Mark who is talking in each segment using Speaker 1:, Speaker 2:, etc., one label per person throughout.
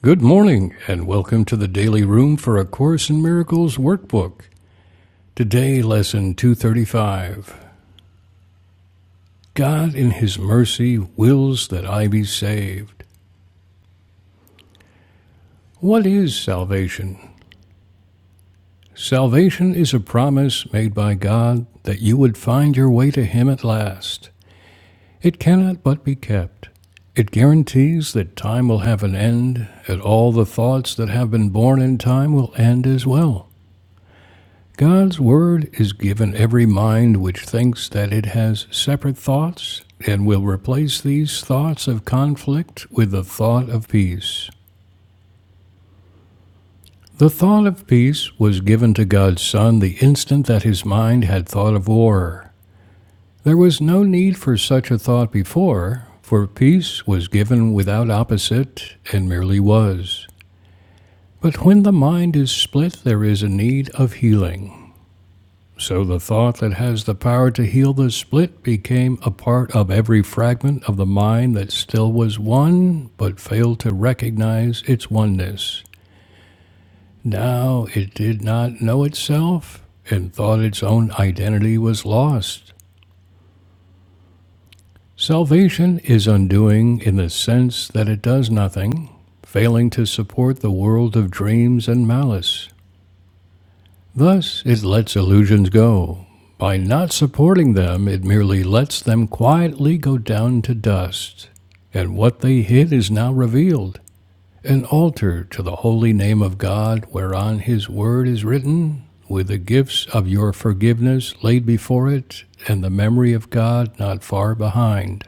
Speaker 1: Good morning, and welcome to the Daily Room for A Course in Miracles workbook. Today, Lesson 235 God in His mercy wills that I be saved. What is salvation? Salvation is a promise made by God that you would find your way to Him at last. It cannot but be kept. It guarantees that time will have an end, and all the thoughts that have been born in time will end as well. God's word is given every mind which thinks that it has separate thoughts and will replace these thoughts of conflict with the thought of peace. The thought of peace was given to God's Son the instant that his mind had thought of war. There was no need for such a thought before, for peace was given without opposite and merely was. But when the mind is split, there is a need of healing. So the thought that has the power to heal the split became a part of every fragment of the mind that still was one, but failed to recognize its oneness. Now it did not know itself and thought its own identity was lost. Salvation is undoing in the sense that it does nothing, failing to support the world of dreams and malice. Thus, it lets illusions go. By not supporting them, it merely lets them quietly go down to dust. And what they hid is now revealed an altar to the holy name of God, whereon His word is written, with the gifts of your forgiveness laid before it, and the memory of God not far behind.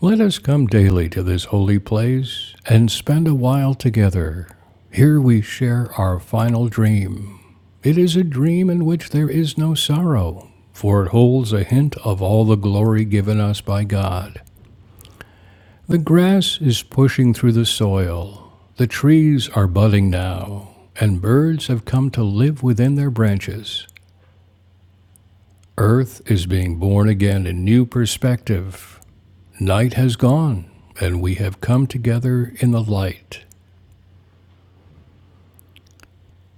Speaker 1: Let us come daily to this holy place and spend a while together. Here we share our final dream It is a dream in which there is no sorrow, for it holds a hint of all the glory given us by God. The grass is pushing through the soil, the trees are budding now, and birds have come to live within their branches. Earth is being born again in new perspective. Night has gone, and we have come together in the light.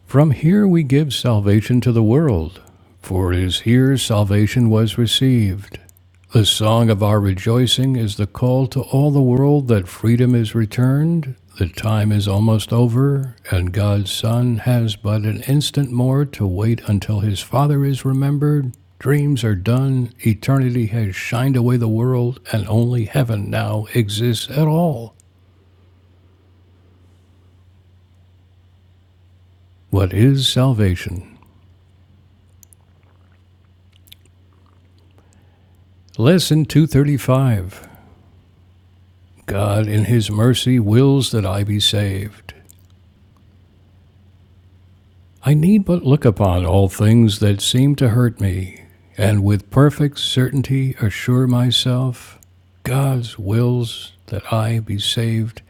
Speaker 1: From here we give salvation to the world, for it is here salvation was received. The song of our rejoicing is the call to all the world that freedom is returned, the time is almost over, and God's Son has but an instant more to wait until his Father is remembered. Dreams are done, eternity has shined away the world, and only heaven now exists at all. What is salvation? Lesson 235. God, in His mercy, wills that I be saved. I need but look upon all things that seem to hurt me, and with perfect certainty assure myself God wills that I be saved.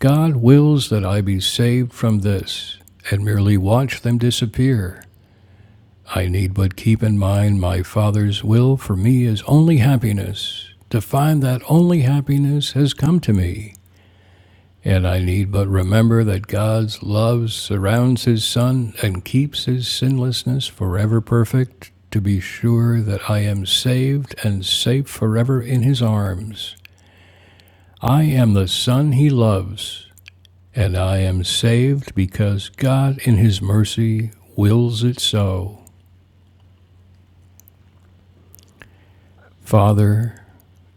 Speaker 1: God wills that I be saved from this, and merely watch them disappear. I need but keep in mind my Father's will for me is only happiness, to find that only happiness has come to me. And I need but remember that God's love surrounds his Son and keeps his sinlessness forever perfect, to be sure that I am saved and safe forever in his arms. I am the Son he loves, and I am saved because God in his mercy wills it so. Father,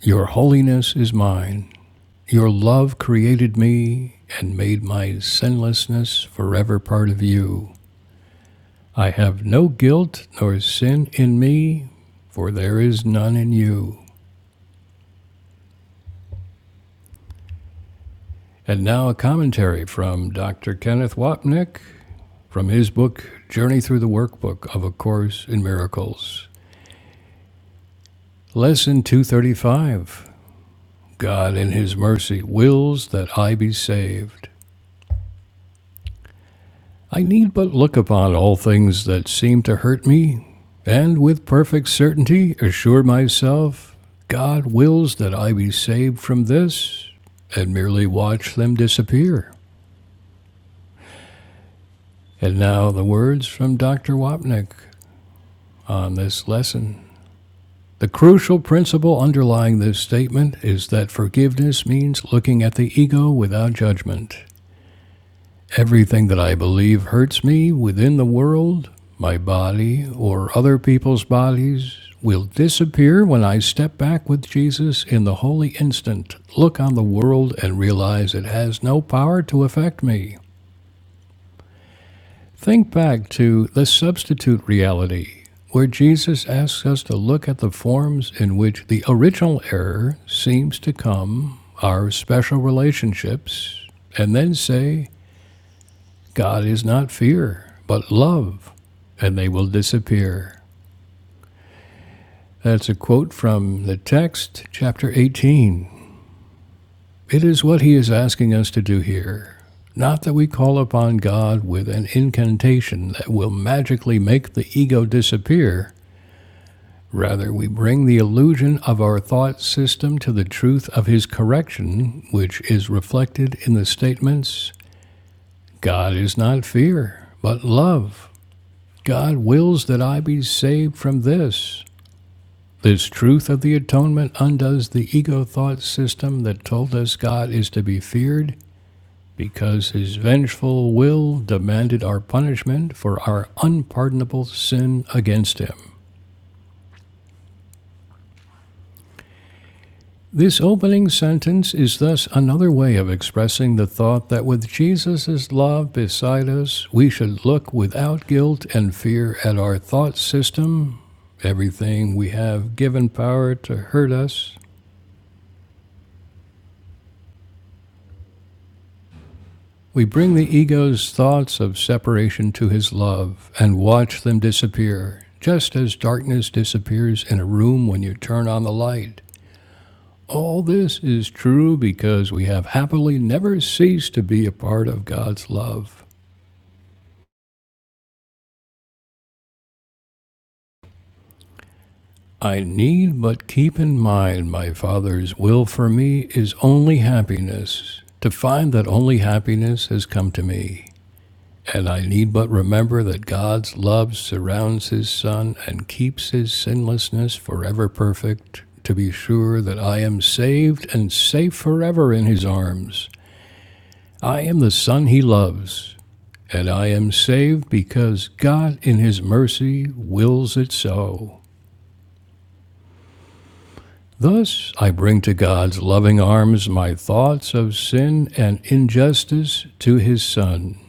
Speaker 1: your holiness is mine. Your love created me and made my sinlessness forever part of you. I have no guilt nor sin in me, for there is none in you. And now a commentary from Dr. Kenneth Wapnick from his book, Journey Through the Workbook of A Course in Miracles. Lesson 235 God in His mercy wills that I be saved. I need but look upon all things that seem to hurt me, and with perfect certainty assure myself God wills that I be saved from this, and merely watch them disappear. And now the words from Dr. Wapnick on this lesson. The crucial principle underlying this statement is that forgiveness means looking at the ego without judgment. Everything that I believe hurts me within the world, my body, or other people's bodies will disappear when I step back with Jesus in the holy instant, look on the world, and realize it has no power to affect me. Think back to the substitute reality, where Jesus asks us to look at the forms in which the original error seems to come, our special relationships, and then say, God is not fear, but love, and they will disappear. That's a quote from the text, chapter 18. It is what he is asking us to do here. Not that we call upon God with an incantation that will magically make the ego disappear. Rather, we bring the illusion of our thought system to the truth of his correction, which is reflected in the statements God is not fear, but love God wills that I be saved from this. This truth of the atonement undoes the ego thought system that told us God is to be feared because his vengeful will demanded our punishment for our unpardonable sin against him. This opening sentence is thus another way of expressing the thought that with Jesus' love beside us, we should look without guilt and fear at our thought system, everything we have given power to hurt us. We bring the ego's thoughts of separation to his love and watch them disappear, just as darkness disappears in a room when you turn on the light. All this is true because we have happily never ceased to be a part of God's love. I need but keep in mind my Father's will for me is only happiness, to find that only happiness has come to me. And I need but remember that God's love surrounds his Son and keeps his sinlessness forever perfect, to be sure that I am saved and safe forever in his arms. I am the Son he loves, and I am saved because God in his mercy wills it so. Thus I bring to God's loving arms my thoughts of sin and injustice to His Son.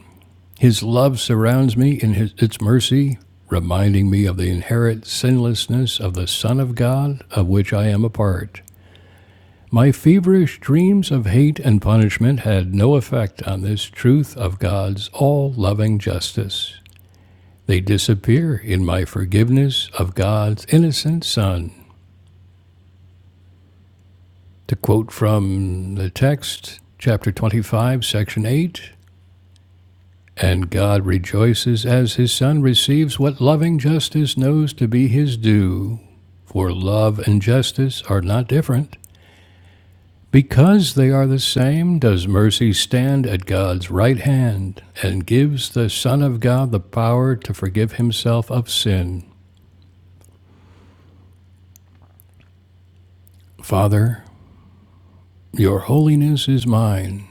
Speaker 1: His love surrounds me in his, its mercy, reminding me of the inherent sinlessness of the Son of God, of which I am a part. My feverish dreams of hate and punishment had no effect on this truth of God's all loving justice. They disappear in my forgiveness of God's innocent Son. To quote from the text, chapter 25, section 8 And God rejoices as his Son receives what loving justice knows to be his due. For love and justice are not different. Because they are the same, does mercy stand at God's right hand and gives the Son of God the power to forgive himself of sin. Father, your holiness is mine.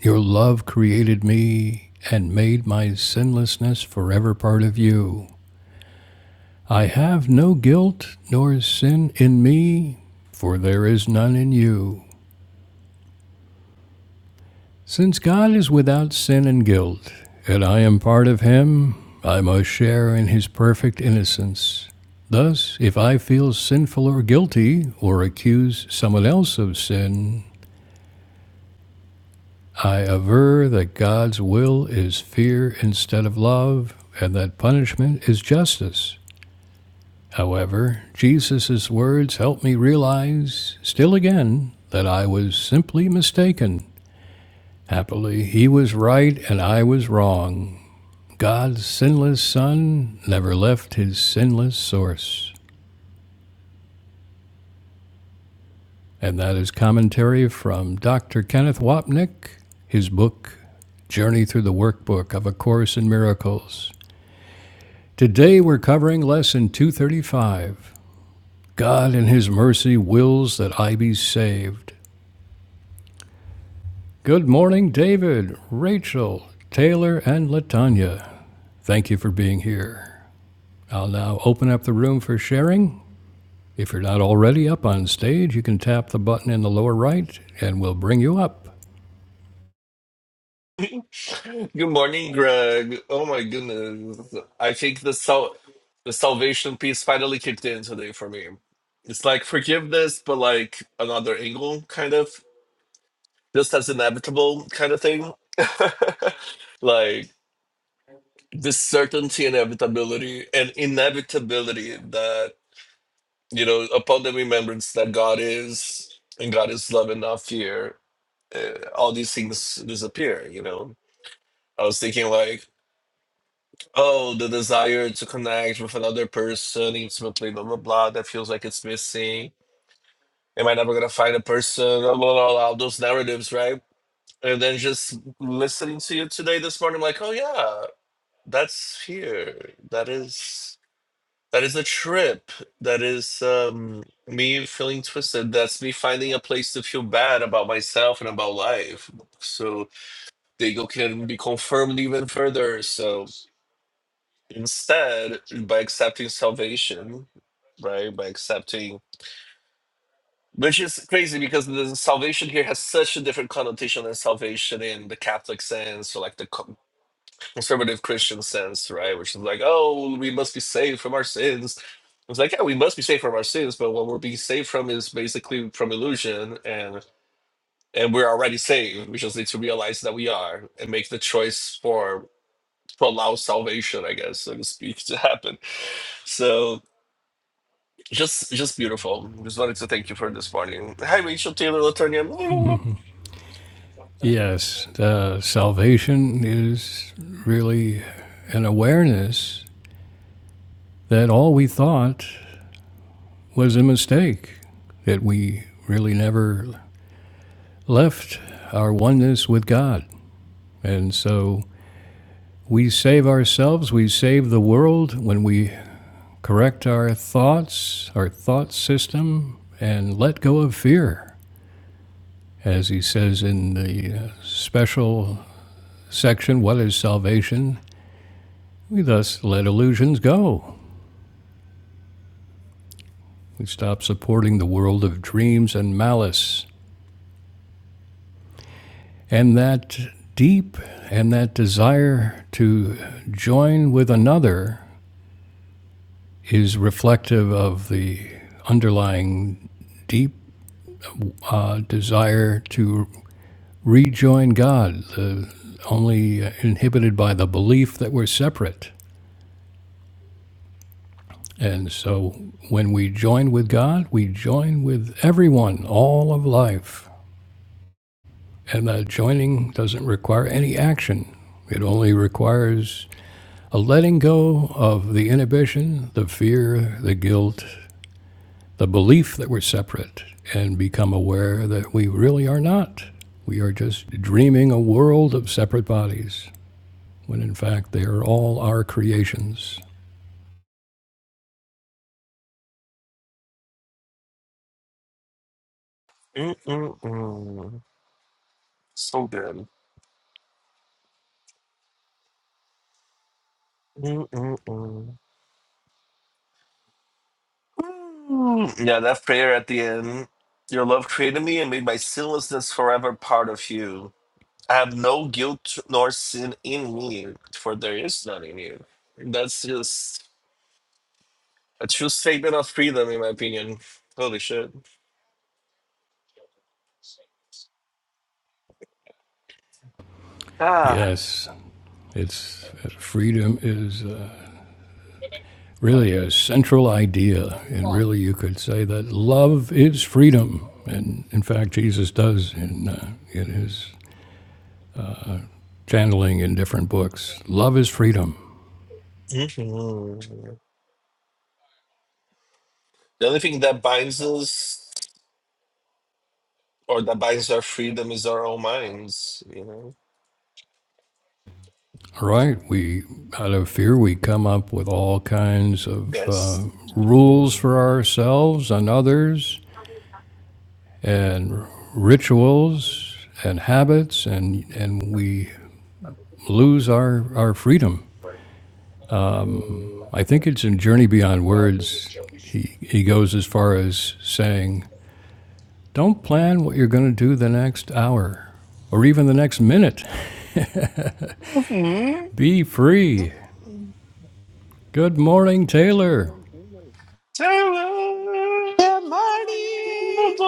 Speaker 1: Your love created me and made my sinlessness forever part of you. I have no guilt nor sin in me, for there is none in you. Since God is without sin and guilt, and I am part of him, I must share in his perfect innocence. Thus, if I feel sinful or guilty, or accuse someone else of sin, I aver that God's will is fear instead of love, and that punishment is justice. However, Jesus' words helped me realize, still again, that I was simply mistaken. Happily, he was right and I was wrong. God's sinless Son never left his sinless source. And that is commentary from Dr. Kenneth Wapnick, his book, Journey Through the Workbook of A Course in Miracles. Today we're covering Lesson 235 God in His Mercy Wills That I Be Saved. Good morning, David, Rachel, Taylor, and Latanya. Thank you for being here. I'll now open up the room for sharing. If you're not already up on stage, you can tap the button in the lower right and we'll bring you up.
Speaker 2: Good morning, Greg. Oh my goodness. I think the sal the salvation piece finally kicked in today for me. It's like forgiveness, but like another angle, kind of. Just as inevitable kind of thing. Like this certainty and inevitability and inevitability that, you know, upon the remembrance that God is and God is love and not fear, uh, all these things disappear, you know. I was thinking like Oh, the desire to connect with another person intimately, blah blah blah, that feels like it's missing. Am I never gonna find a person? Blah blah blah, blah, those narratives, right? And then just listening to you today this morning, I'm like, oh yeah, that's here. That is that is a trip. That is um me feeling twisted. That's me finding a place to feel bad about myself and about life. So they go can be confirmed even further. So Instead, by accepting salvation, right? By accepting, which is crazy because the salvation here has such a different connotation than salvation in the Catholic sense or like the co- conservative Christian sense, right? Which is like, oh, we must be saved from our sins. It's like, yeah, we must be saved from our sins, but what we're being saved from is basically from illusion and and we're already saved. We just need to realize that we are and make the choice for to allow salvation, I guess, so to speak, to happen. So Just just beautiful. Just wanted to thank you for this morning. Hi, Rachel Taylor Latonia.
Speaker 1: Yes, uh, salvation is really an awareness that all we thought was a mistake, that we really never left our oneness with God. And so we save ourselves, we save the world when we correct our thoughts, our thought system, and let go of fear. As he says in the uh, special section, What is Salvation? We thus let illusions go. We stop supporting the world of dreams and malice And that deep and that desire to join with another is reflective of the underlying deep uh, desire to rejoin God, the, only uh, inhibited by the belief that we're separate. And so when we join with God, we join with everyone, all of life. And that joining doesn't require any action, it only requires a letting go of the inhibition, the fear, the guilt, the belief that we're separate, and become aware that we really are not. We are just dreaming a world of separate bodies, when in fact they are all our creations.
Speaker 2: Mm-mm-mm. So good. Mm-mm-mm. Mm. Yeah, that prayer at the end. Your love created me and made my sinlessness forever part of you. I have no guilt nor sin in me, for there is none in you. That's just a true statement of freedom, in my opinion. Holy shit. Ah.
Speaker 1: Yes, it's uh, freedom is uh, really a central idea, and really you could say that love is freedom. And in fact, Jesus does in, uh, in his channeling in different books. Love is freedom.
Speaker 2: hmm The only thing that binds us. or that binds our freedom is our own minds, you know?
Speaker 1: Right. We, out of fear, we come up with all kinds of uh,
Speaker 2: Yes.
Speaker 1: rules for
Speaker 2: Mhm.
Speaker 1: ourselves and others, and rituals and habits, and and we lose our our freedom. Uh,
Speaker 2: Mm.
Speaker 1: I think it's in Journey Beyond Words. He he goes as far as saying, "Don't plan what you're going to do the next hour, or even the next minute.
Speaker 2: Mhm.
Speaker 1: Be free." Good morning, Taylor.
Speaker 3: Good morning.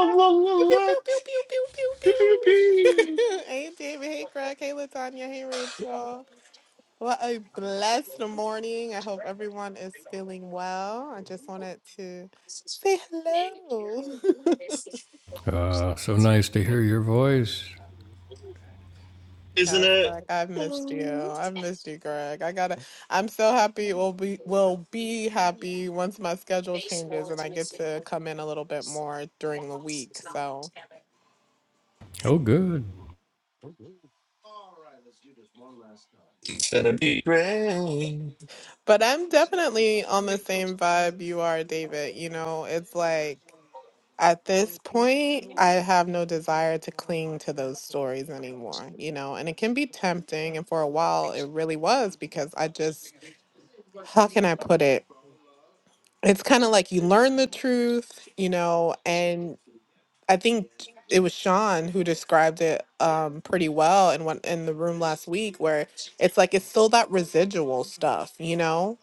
Speaker 3: Pew, pew, pew, pew, pew, pew, pew, pew. hey, David. Hey, Craig. Hey, Latanya. Hey, Rachel. What a blessed morning. I hope everyone is feeling well. I just wanted to say hello.
Speaker 1: Uh, so nice to hear your voice.
Speaker 2: Isn't
Speaker 3: yes,
Speaker 2: it?
Speaker 3: Greg. I've missed you. I've missed you, Greg. I gotta. I'm so happy. We'll be. We'll be happy once my schedule changes and I get to come in a little bit more during the week. So.
Speaker 1: Oh, good.
Speaker 2: It's gonna be great.
Speaker 3: But I'm definitely on the same vibe you are, David. You know, it's like at this point, I have no desire to cling to those stories anymore, you know, and it can be tempting. And for a while, it really was because I just, how can I put it? It's kind of like you learn the truth, you know, and I think it was Sean who described it um, pretty well in one in the room last week, where it's like it's still that residual stuff, you know,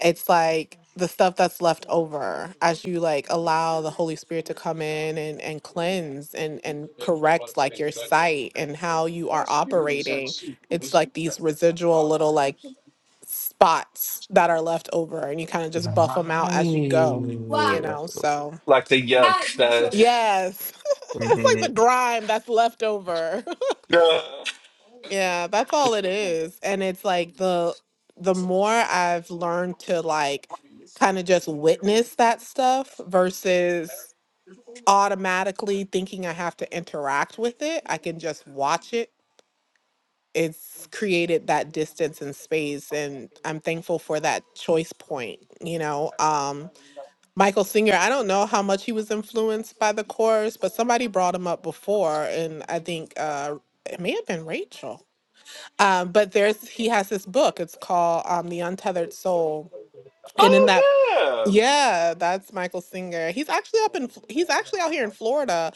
Speaker 3: it's like the stuff that's left over as you like allow the holy spirit to come in and and cleanse and and correct like your sight and how you are operating it's like these residual little like spots that are left over and you kind of just buff them out as you go you
Speaker 2: Right.
Speaker 3: know so
Speaker 2: Like the yuck that.
Speaker 3: yes it's like
Speaker 2: Mhm.
Speaker 3: the grime that's left over
Speaker 2: Yeah.
Speaker 3: yeah, that's all it is. And it's like the the more I've learned to like kind of just witness that stuff versus automatically thinking I have to interact with it, I can just watch it. It's created that distance and space and I'm thankful for that choice point, you know. Um Michael Singer, I don't know how much he was influenced by the course, but somebody brought him up before and I think uh it may have been Rachel um, but there's he has this book. It's called um, The Untethered Soul, and in
Speaker 2: Oh,
Speaker 3: that,
Speaker 2: yeah.
Speaker 3: yeah, that's Michael Singer. He's actually up in F- he's actually out here in Florida,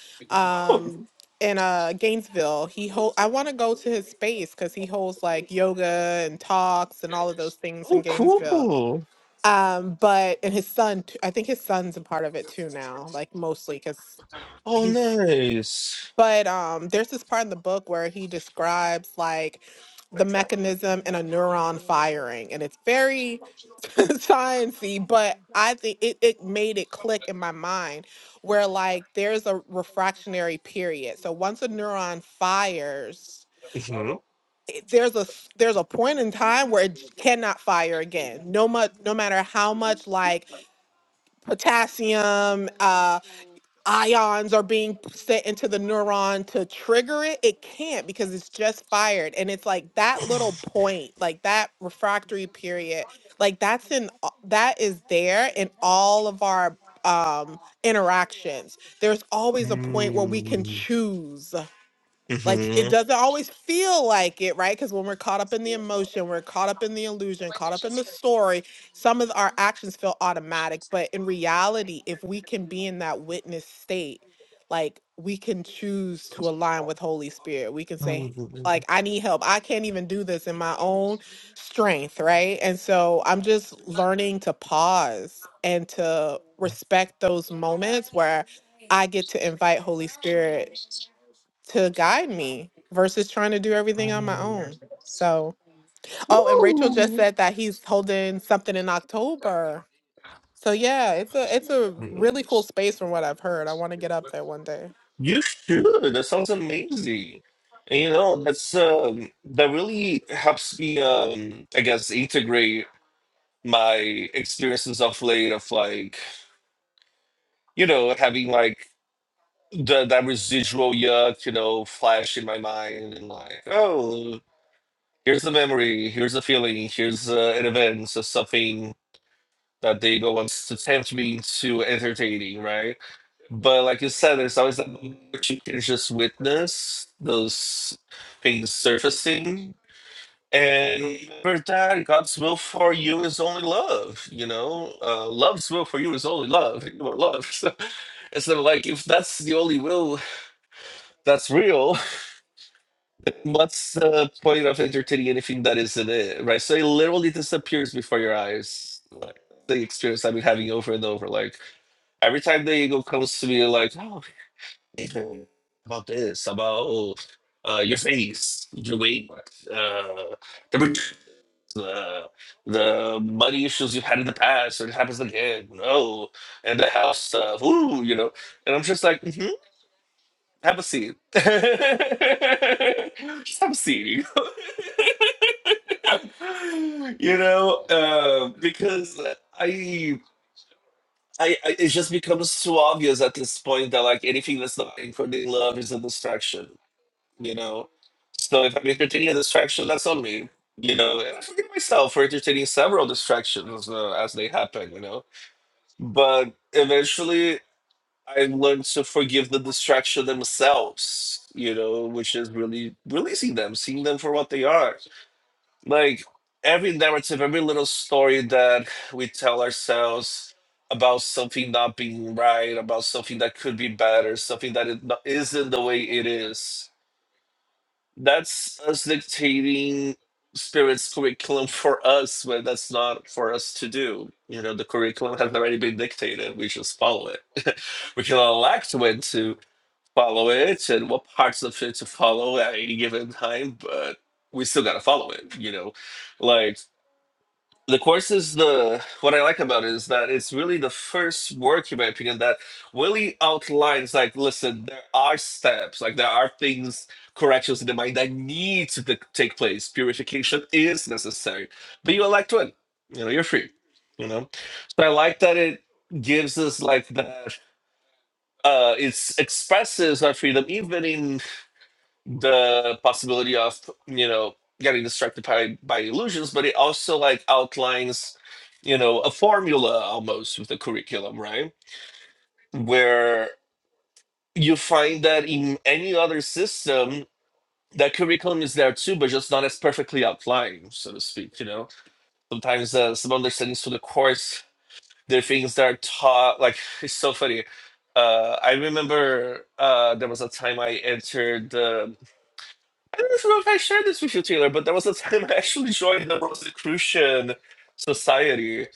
Speaker 2: Oh,
Speaker 3: um, in uh, Gainesville. He hold I want to go to his space because he holds like yoga and talks and all of those things
Speaker 2: oh
Speaker 3: in Gainesville.
Speaker 2: cool.
Speaker 3: Um, but and his son, t- I think his son's a part of it too now, like mostly because
Speaker 2: Oh,
Speaker 3: he's.
Speaker 2: nice.
Speaker 3: But um, there's this part in the book where he describes like the mechanism in a neuron firing, and it's very sciencey. But I think it it made it click in my mind where like there's a refractionary period. So once a neuron fires,
Speaker 2: Mhm.
Speaker 3: it- there's a s- there's a point in time where it j- cannot fire again. No much, no matter how much like potassium, uh, ions are being sent into the neuron to trigger it it can't because it's just fired and it's like that little point like that refractory period like that's in a- that is there in all of our um interactions there's always a point where we can
Speaker 2: Mm-hmm.
Speaker 3: choose like it doesn't always feel like it right because when we're caught up in the emotion we're caught up in the illusion caught up in the story some of our actions feel automatic but in reality if we can be in that witness state like we can choose to align with holy spirit we can say like i need help i can't even do this in my own strength right and so i'm just learning to pause and to respect those moments where i get to invite holy spirit to guide me versus trying to do everything on my own. So, oh, and Rachel just said that he's holding something in October. So yeah, it's a it's a really cool space from what I've heard. I want to get up there one day.
Speaker 2: You should. That sounds amazing. And, you know, that's um, that really helps me. Um, I guess integrate my experiences of late of like you know having like the that residual yuck you know flash in my mind and like oh here's a memory here's a feeling here's uh, an event so something that they go and attempt being too entertaining, right? But like you said, there's always that moment where you can just witness those things surfacing. And remember that God's will for you is only love, you know? Uh, love's will for you is only love. You are love. So it's not like if that's the only will that's real, What's the point of entertaining anything that isn't it, right? So it literally disappears before your eyes. Like the experience I've been having over and over. Like every time the ego comes to me, like, oh, Nathan, about this, about uh, your face, your weight, uh, the ret- uh, the money issues you've had in the past, or it happens again. No, and the house stuff. Ooh, you know, and I'm just like, "Mm-hmm, have a seat. Just have a seat. you know, uh, because I, I, I, it just becomes too obvious at this point that like anything that's not including love is a distraction. You know, so if I'm entertaining a distraction, that's on me. You know, and I forgive myself for entertaining several distractions uh, as they happen. You know, but eventually. I learned to forgive the distraction themselves, you know, which is really releasing them, seeing them for what they are. Like every narrative, every little story that we tell ourselves about something not being right, about something that could be better, something that it not, isn't the way it is, that's us dictating spirit's curriculum for us but that's not for us to do you know the curriculum has already been dictated we just follow it we can elect when to follow it and what parts of it to follow at any given time, but we still gotta follow it, you know. Like the course is the what I like about it is that it's really the first work, in my opinion, that really outlines like, listen, there are steps, like there are things, corrections in the mind that need to t- take place. Purification is necessary, but you elect one, you know, you're free, you know. So I like that it gives us like that uh it's expresses our freedom even in the possibility of you know getting distracted by by illusions but it also like outlines you know a formula almost with the curriculum right where you find that in any other system that curriculum is there too but just not as perfectly outlined so to speak you know sometimes uh, some understandings to the course there are things that are taught like it's so funny uh, I remember uh, there was a time I entered the I don't know if I shared this with you, Taylor, but there was a time I actually joined the Rosicrucian Society,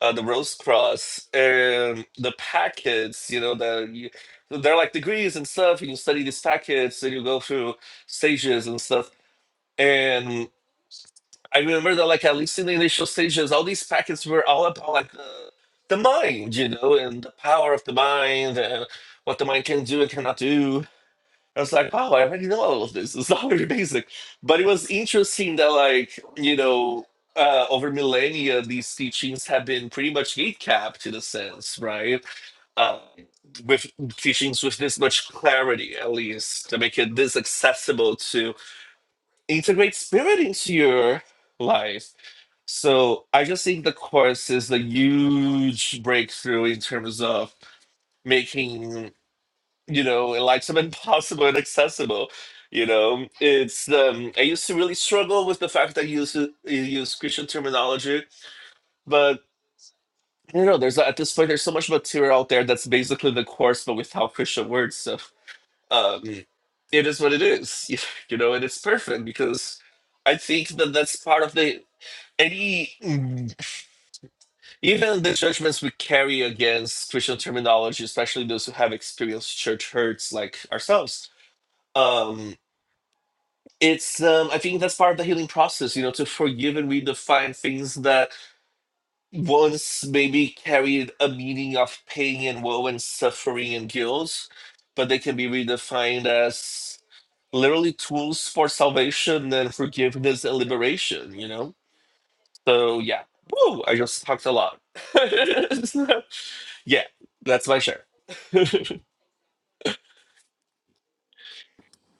Speaker 2: uh, the Rose Cross, and the packets, you know, that you, they're like degrees and stuff, and you study these packets and you go through stages and stuff. And I remember that, like, at least in the initial stages, all these packets were all about, like, the, the mind, you know, and the power of the mind and what the mind can do and cannot do I was like, wow, I already know all of this. It's not very basic. But it was interesting that, like, you know, uh, over millennia, these teachings have been pretty much gatekept in a sense, right? Uh, with teachings with this much clarity, at least, to make it this accessible to integrate spirit into your life. So I just think the course is a huge breakthrough in terms of making you know, like some impossible and accessible. You know, it's um, I used to really struggle with the fact that you use uh, you use Christian terminology, but I don't know. There's at this point, there's so much material out there that's basically the course, but without Christian words. So um, it is what it is, you know, and it's perfect because I think that that's part of the any mm, even the judgments we carry against Christian terminology, especially those who have experienced church hurts like ourselves Um, it's um i think that's part of the healing process you know to forgive and redefine things that once maybe carried a meaning of pain and woe and suffering and guilt but they can be redefined as literally tools for salvation and forgiveness and liberation you know so yeah Woo, i just talked a lot yeah that's my share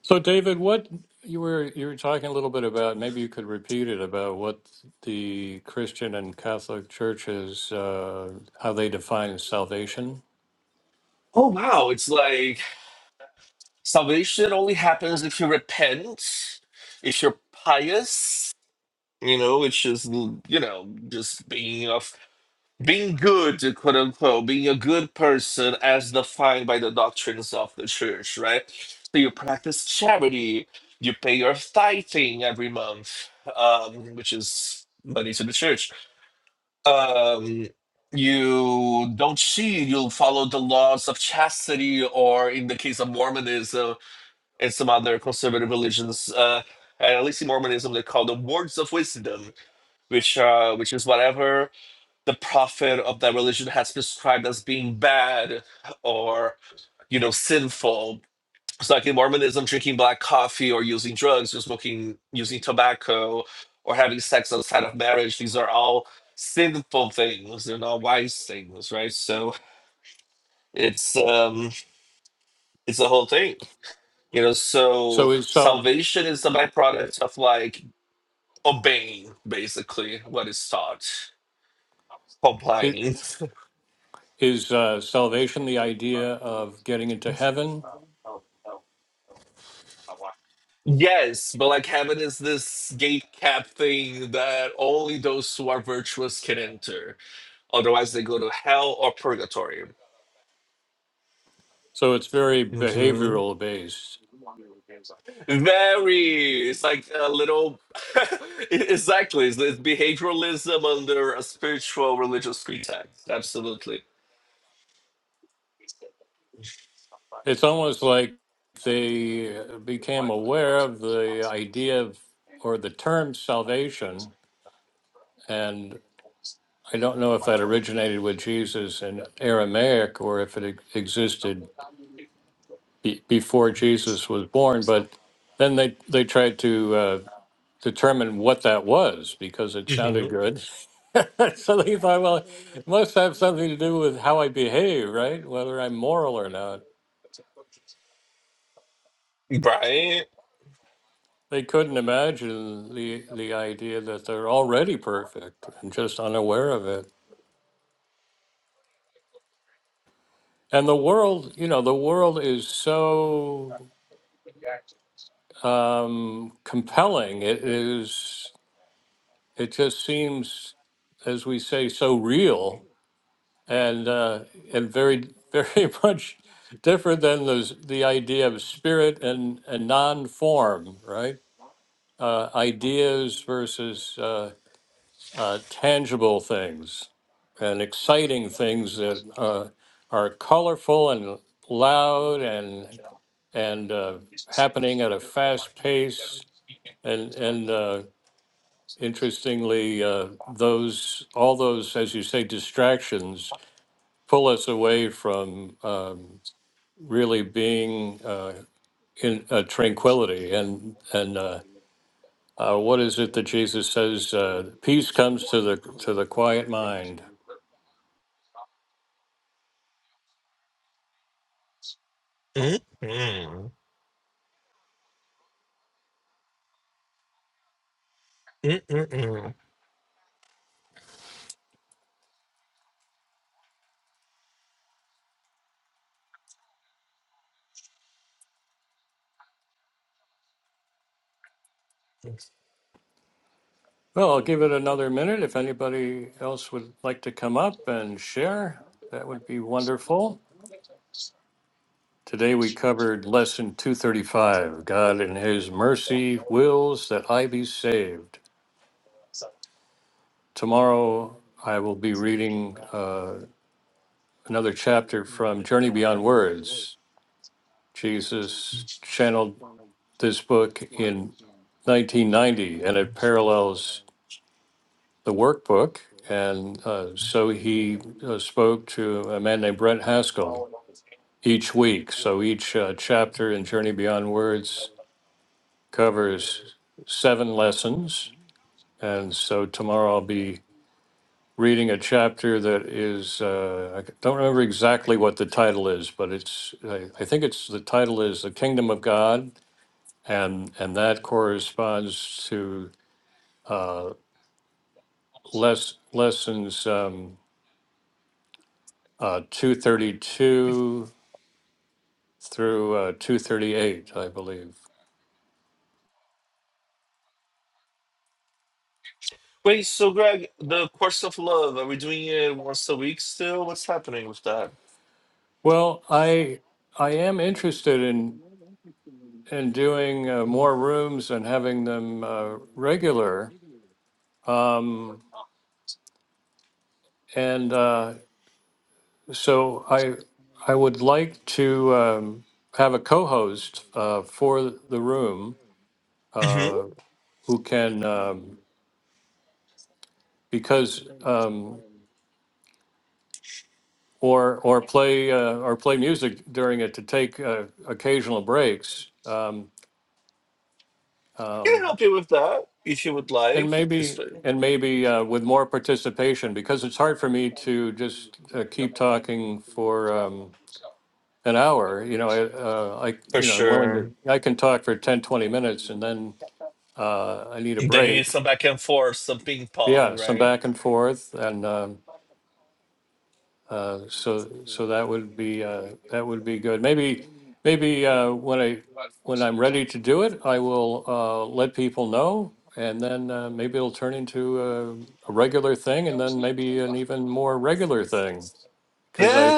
Speaker 1: So, David, what you were you were talking a little bit about, maybe you could repeat it about what the Christian and Catholic churches uh, how they define salvation.
Speaker 2: oh wow it's like salvation only happens if you repent if you're pious You know, it's just you know, just being of being good, quote unquote, being a good person as defined by the doctrines of the church, right? So you practice charity, you pay your tithing every month, um, which is money to the church. Um, you don't cheat, you'll follow the laws of chastity, or in the case of Mormonism and some other conservative religions, uh, and at least in Mormonism, they call the words of wisdom which uh, which is whatever the prophet of that religion has prescribed as being bad or you know sinful. So like in Mormonism, drinking black coffee or using drugs or smoking using tobacco or having sex outside of marriage, these are all sinful things. They're not wise things, right? So it's um it's the whole thing. You know, so
Speaker 1: So
Speaker 2: salvation is the byproduct of like obeying basically what is taught,
Speaker 1: it
Speaker 2: complying.
Speaker 1: is
Speaker 2: Yes, but like heaven is this gate cap thing that only those who are virtuous can enter. Otherwise, they go to hell or purgatory.
Speaker 1: so it's very
Speaker 2: hmm
Speaker 1: behavioral based.
Speaker 2: Very, it's like a little, E- exactly. It's, it's behavioralism under a spiritual religious pretext. Absolutely.
Speaker 1: It's almost like they became aware of the idea of or the term salvation, and I don't know if that originated with Jesus in Aramaic or if it existed be, before Jesus was born. But then they they tried to uh, determine what that was because it
Speaker 2: hmm
Speaker 1: sounded good. so they thought, well, it must have something to do with how I behave, right? Whether I'm moral or not.
Speaker 2: Right?
Speaker 1: They couldn't imagine the the idea that they're already perfect and just unaware of it. And the world, you know, the world is so um, compelling. It is. It just seems, as we say, so real and uh, and very very much different than those the idea of spirit and and non-form, right? Uh, ideas versus uh, uh, tangible things and exciting things that uh, are colorful and loud and and uh, happening at a fast pace and and uh, interestingly uh, those all those as you say distractions pull us away from um, really being uh, in uh, tranquility and and uh, uh, what is it that Jesus says? Uh, Peace comes to the to the quiet mind.
Speaker 2: Mm-mm. Mm-mm-mm.
Speaker 1: Well, I'll give it another minute. If anybody else would like to come up and share, that would be wonderful. Today we covered lesson 235 God in His mercy wills that I be saved. Tomorrow I will be reading. uh, another chapter from Journey Beyond Words. Jesus channeled this book in 1990, and it parallels the workbook. And uh, so he uh, spoke to a man named Brent Haskell each week. So each uh, chapter in Journey Beyond Words covers seven lessons. And so tomorrow I'll be reading a chapter that is, uh, I don't remember exactly what the title is, but it's, I, I think it's, the title is The Kingdom of God. And, and that corresponds to uh, less, lessons um, uh, 232 through uh, 238, I believe.
Speaker 2: Wait, so Greg, the course of love, are we doing it once a week still? What's happening with that?
Speaker 1: Well, I, I am interested in, in doing uh, more rooms and having them uh, regular. Um, and, uh, So I I would like to um, have a co-host uh, for the room uh, who can um, because um, or or play uh, or play music during it to take uh, occasional breaks um,
Speaker 2: I
Speaker 1: um,
Speaker 2: can help you with that if you would
Speaker 1: and
Speaker 2: like. It's
Speaker 1: maybe
Speaker 2: f-
Speaker 1: and maybe uh, with more participation because it's hard for me to just uh, keep talking for um, an hour. You know, I, uh, I
Speaker 2: for
Speaker 1: you know I'm willing
Speaker 2: sure.
Speaker 1: to I can talk for 10 20 minutes and then uh, I need a
Speaker 2: Then you need
Speaker 1: break.
Speaker 2: some back and forth, some ping pong,
Speaker 1: Yeah, some
Speaker 2: right?
Speaker 1: back and forth, and um, uh, so so that would be uh, that would be good. Maybe maybe uh, when I when I'm ready to do it, I will uh, let people know, and then uh, maybe it'll turn into a, a regular thing, and then maybe an even more regular thing. Because I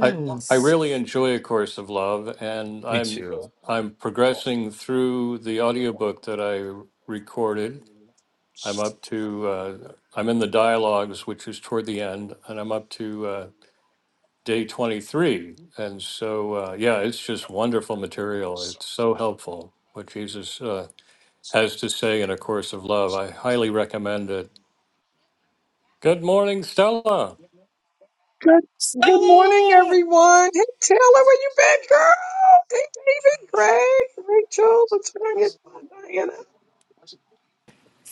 Speaker 1: I I really enjoy A Course of Love, and
Speaker 2: Me
Speaker 1: I'm
Speaker 2: too.
Speaker 1: I'm progressing through the audiobook that I recorded I'm up to, uh, I'm in the dialogues, which is toward the end, and I'm up to uh, day 23. And so, uh, yeah, it's just wonderful material. It's so helpful what Jesus uh, has to say in A Course of Love. I highly recommend it. Good morning, Stella.
Speaker 4: Good, good morning,
Speaker 2: Stella.
Speaker 4: everyone. Hey, Taylor, where you been, girl? Hey, David, Greg, Rachel, what's going on, Diana?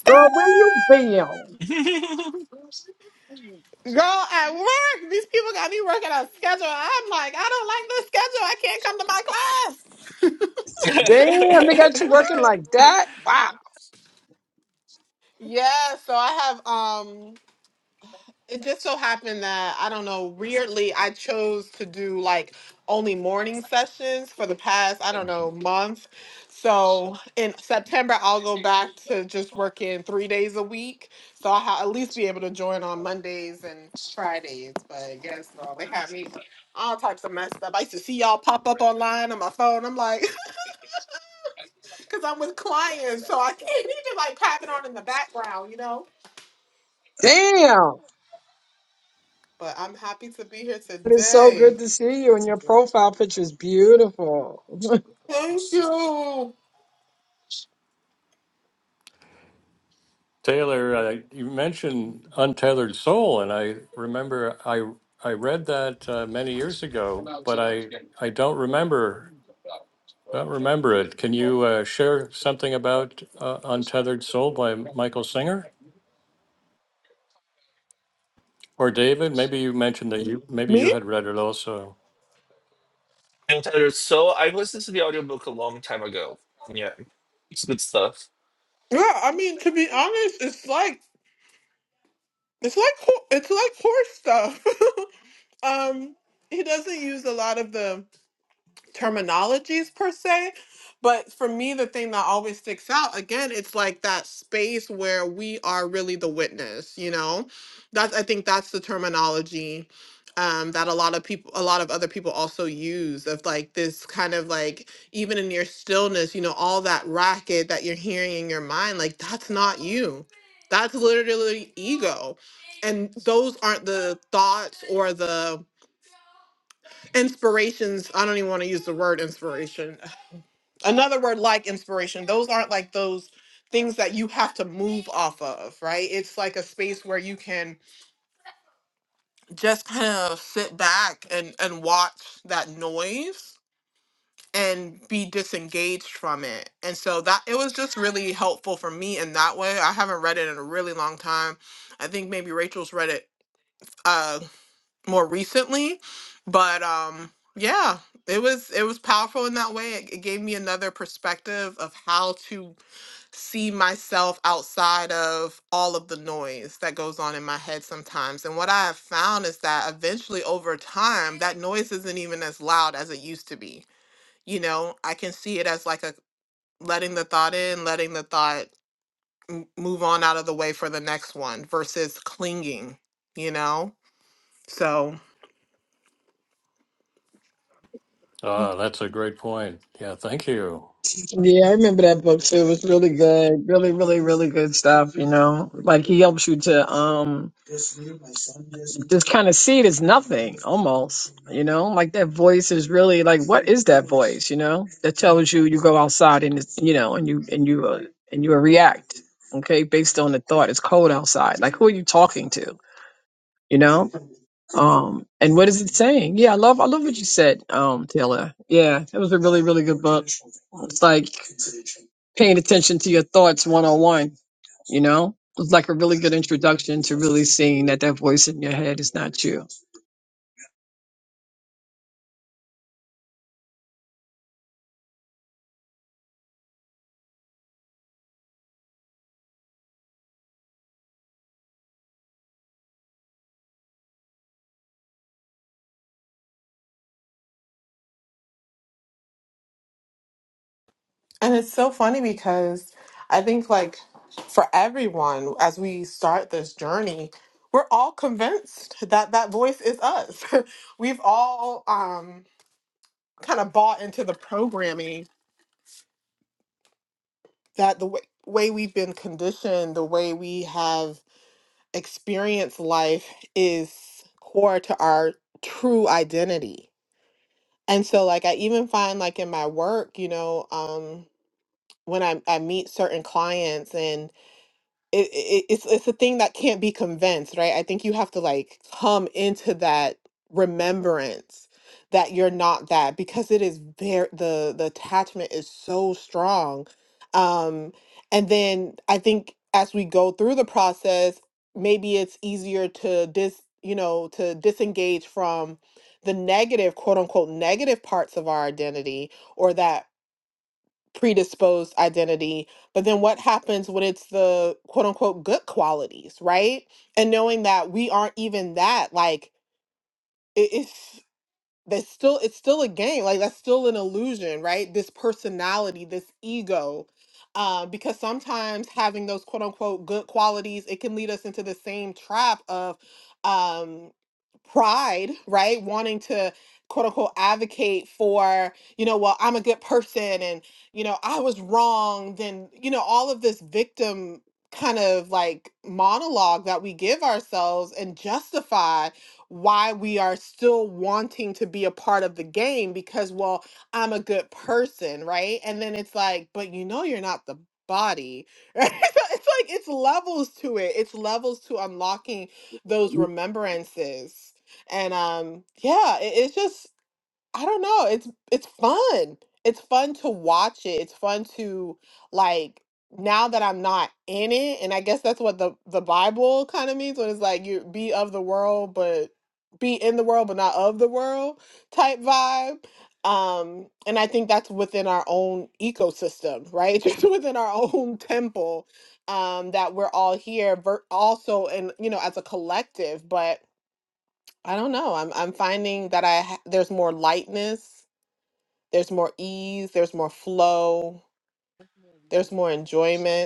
Speaker 4: Girl, where you been?
Speaker 3: Girl, at work, these people got me working on schedule. I'm like, I don't like this schedule. I can't come to my class.
Speaker 4: Damn, they got you working like that? Wow.
Speaker 3: yeah, so I have um It just so happened that I don't know, weirdly, I chose to do like only morning sessions for the past, I don't know, month. So in September, I'll go back to just working three days a week. So I'll ha- at least be able to join on Mondays and Fridays. But yes, no, they have me all types of messed up. I used to see y'all pop up online on my phone. I'm like, because I'm with clients, so I can't even like tap it on in the background, you know?
Speaker 4: Damn.
Speaker 3: But I'm happy to be here
Speaker 4: It is so
Speaker 3: today.
Speaker 4: good to see you, and your profile picture is beautiful.
Speaker 3: Thank you.
Speaker 1: Taylor, uh, you mentioned Untethered Soul, and I remember I I read that uh, many years ago, but I I don't remember Don't remember it. Can you uh, share something about uh, Untethered Soul by Michael Singer or David? Maybe you mentioned that you maybe you
Speaker 3: Me?
Speaker 1: had read it also.
Speaker 2: And Tyler, so I listened to the audiobook a long time ago. Yeah, it's good stuff.
Speaker 3: Yeah, I mean to be honest, it's like it's like ho- it's like horse stuff. um, he doesn't use a lot of the terminologies per se. But for me, the thing that always sticks out again, it's like that space where we are really the witness. You know, that's I think that's the terminology um, that a lot of people, a lot of other people also use of like this kind of like even in your stillness, you know, all that racket that you're hearing in your mind, like that's not you. That's literally ego. And those aren't the thoughts or the inspirations. I don't even want to use the word inspiration another word like inspiration those aren't like those things that you have to move off of right it's like a space where you can just kind of sit back and and watch that noise and be disengaged from it and so that it was just really helpful for me in that way i haven't read it in a really long time i think maybe rachel's read it uh more recently but um yeah it was it was powerful in that way it, it gave me another perspective of how to see myself outside of all of the noise that goes on in my head sometimes. And what I have found is that eventually over time, that noise isn't even as loud as it used to be. You know, I can see it as like a letting the thought in, letting the thought m- move on out of the way for the next one versus clinging, you know? So.
Speaker 1: Ah, that's a great point. Yeah, thank you.
Speaker 4: Yeah, I remember that book too. It was really good. Really, really, really good stuff, you know? Like, he helps you to, um, just kind of see it as nothing almost you know like that voice is really like what is that voice you know that tells you you go outside and it's, you know and you and you uh, and you react okay based on the thought it's cold outside like who are you talking to you know um and what is it saying yeah i love i love what you said um taylor yeah it was a really really good book it's like paying attention to your thoughts one-on-one you know it's like a really good introduction to really seeing that that voice in your head is not you
Speaker 3: And it's so funny because I think, like, for everyone, as we start this journey, we're all convinced that that voice is us. we've all um, kind of bought into the programming that the w- way we've been conditioned, the way we have experienced life is core to our true identity. And so, like, I even find, like, in my work, you know, um, when I, I meet certain clients it, it it's it's a thing that can't be convinced, right? I think you have to like come into that remembrance that you're not that because it is very the the attachment is so strong. Um and then I think as we go through the process, maybe it's easier to dis you know, to disengage from the negative, quote unquote, negative parts of our identity, or that predisposed identity. But then what happens when it's the quote unquote good qualities, right? And knowing that we aren't even that, like, it is that's still it's still a game like that's still an illusion right this personality this ego um, because sometimes having those quote unquote good qualities it can lead us into the same trap of um, pride right wanting to quote unquote advocate for you know well i'm a good person and you know i was wrong then you know all of this victim kind of like monologue that we give ourselves and justify why we are still wanting to be a part of the game because, well, I'm a good person, right? And then it's like, but you know, you're not the body, right? So it's like, it's levels to it, it's levels to unlocking those remembrances. And um, yeah, it, it's just, I don't know. It's it's fun. It's fun to watch it. It's fun to like now that I'm not in it, and I guess that's what the the Bible kind of means when it's like you be of the world, but be in the world, but not of the world type vibe. Um, and I think that's within our own ecosystem, right? Just within our own temple, um, that we're all here, ver- also, and you know, as a collective. But I don't know. I'm I'm finding that I ha- there's more lightness there's more ease, there's more flow, there's more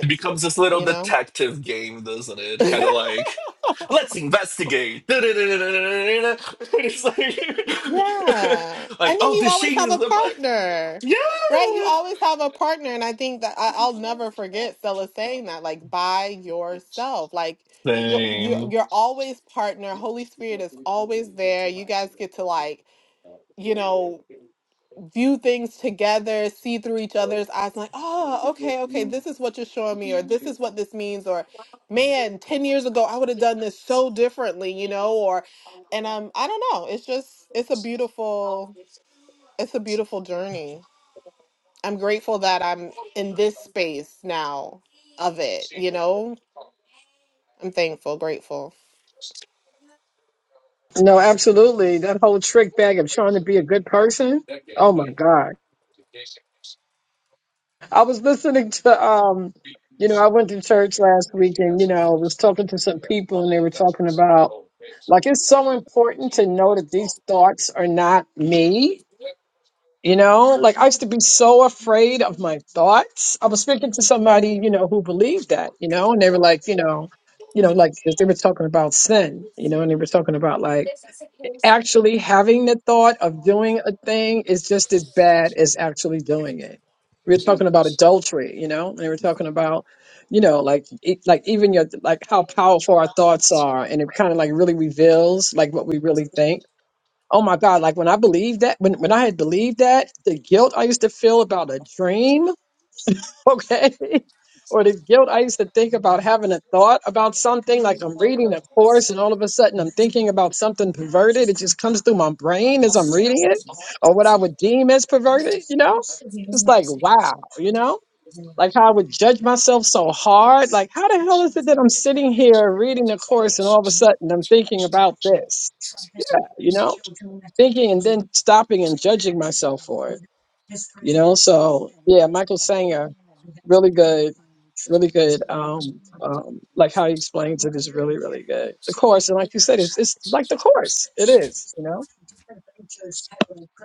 Speaker 2: It becomes this little
Speaker 3: you know?
Speaker 2: detective game, doesn't it? Kind of like, let's investigate. It's like,
Speaker 3: Yeah.
Speaker 2: like,
Speaker 3: And then
Speaker 2: oh,
Speaker 3: you
Speaker 2: the
Speaker 3: always
Speaker 2: sheen
Speaker 3: have
Speaker 2: is
Speaker 3: a
Speaker 2: the.
Speaker 3: partner, right? You
Speaker 2: Yeah.
Speaker 3: always have a partner. And I think that I, I'll never forget Stella saying that, like by yourself. Like you're, you're
Speaker 2: Same.
Speaker 3: you're always partner. Holy Spirit is always there. You guys get to like, you know, view things together, see through each other's eyes, like, oh, okay, okay, this is what you're showing me, or this is what this means, or man, 10 years ago, I would have done this so differently, you know, or, and um, I don't know, it's just, it's a beautiful, it's a beautiful journey. I'm grateful that I'm in this space now of it, you know, I'm thankful, grateful.
Speaker 4: No, absolutely. That whole trick bag of trying to be a good person. Oh my God. I was listening to um, you know, I went to church last week and, you know, was talking to some people and they were talking about like it's so important to know that these thoughts are not me. You know, like I used to be so afraid of my thoughts. I was speaking to somebody, you know, who believed that, you know, and they were like, you know, you know, like 'cause they were talking about sin, you know, and they were talking about like actually having the thought of doing a thing is just as bad as actually doing it. We We're talking about adultery, you know, and we we're talking about, you know, like it, like even your like how powerful our thoughts are, and it kind of like really reveals like what we really think. Oh my God! Like when I believed that, when when I had believed that, the guilt I used to feel about a dream okay? Or the guilt. I used to think about having a thought about something, like I'm reading a course and all of a sudden I'm thinking about something perverted. It just comes through my brain as I'm reading it, or what I would deem as perverted, you know? It's like, wow, you know? Like how I would judge myself so hard. Like, how the hell is it that I'm sitting here reading a course and all of a sudden I'm thinking about this, you know? Thinking and then stopping and judging myself for it, you know? So, yeah, Michael Sanger. really good. really good. Um, um, like how he explains it is really, really good. The course, and like you said, it's, it's like the course. It is, you know.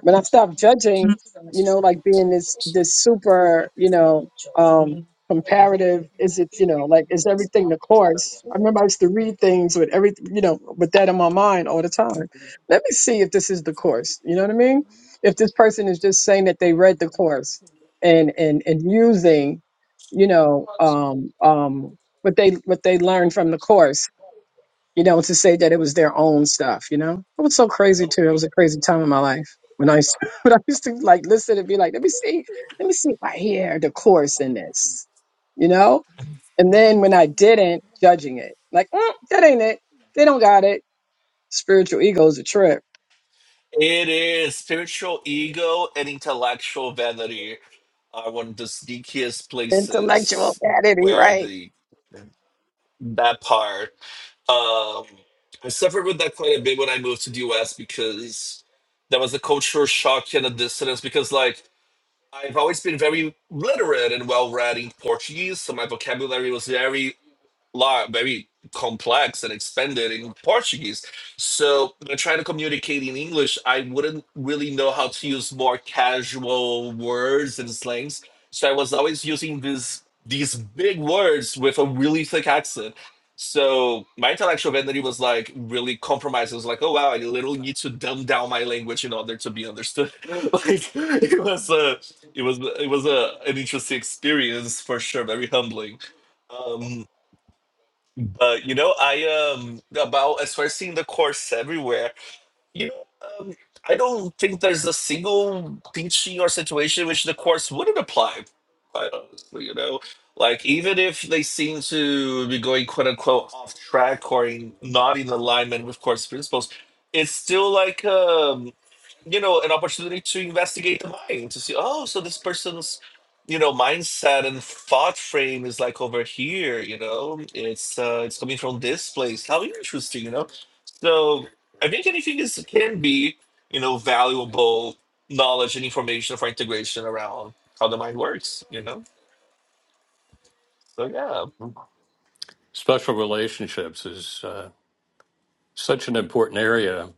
Speaker 4: When I stopped judging, you know, like being this this super, you know, um, comparative. Is it, you know, like is everything the course? I remember I used to read things with every, you know, with that in my mind all the time. Let me see if this is the course. You know what I mean? If this person is just saying that they read the course and and and using you know, um, um, what they what they learned from the course, you know, to say that it was their own stuff, you know. It was so crazy too. It was a crazy time in my life when I used to, when I used to like listen and be like, let me see, let me see if I hear the course in this, you know. And then when I didn't, judging it like mm, that ain't it. They don't got it. Spiritual ego is a trip.
Speaker 2: It is spiritual ego and intellectual vanity are one of the sneakiest
Speaker 4: Intellectual
Speaker 2: places
Speaker 4: vanity,
Speaker 2: where
Speaker 4: right?
Speaker 2: the that part. Um, I suffered with that quite a bit when I moved to the US because there was a cultural shock and a dissonance because like I've always been very literate and well read in Portuguese, so my vocabulary was very large, very complex and expanded in Portuguese. So when I try to communicate in English, I wouldn't really know how to use more casual words and slangs. So I was always using this these big words with a really thick accent. So my intellectual vanity was like really compromised. It was like, oh wow, I literally need to dumb down my language in order to be understood. like it was a, it was it was a an interesting experience for sure, very humbling. Um, uh, you know, I um about as far as seeing the course everywhere. You know, um, I don't think there's a single teaching or situation which the course wouldn't apply. Quite honestly, you know, like even if they seem to be going quote unquote off track or in, not in alignment with course principles, it's still like um you know an opportunity to investigate the mind to see oh so this person's you know mindset and thought frame is like over here you know it's uh it's coming from this place how interesting you know so i think anything is can be you know valuable knowledge and information for integration around how the mind works you know so yeah
Speaker 1: Special relationships is uh, such an important area.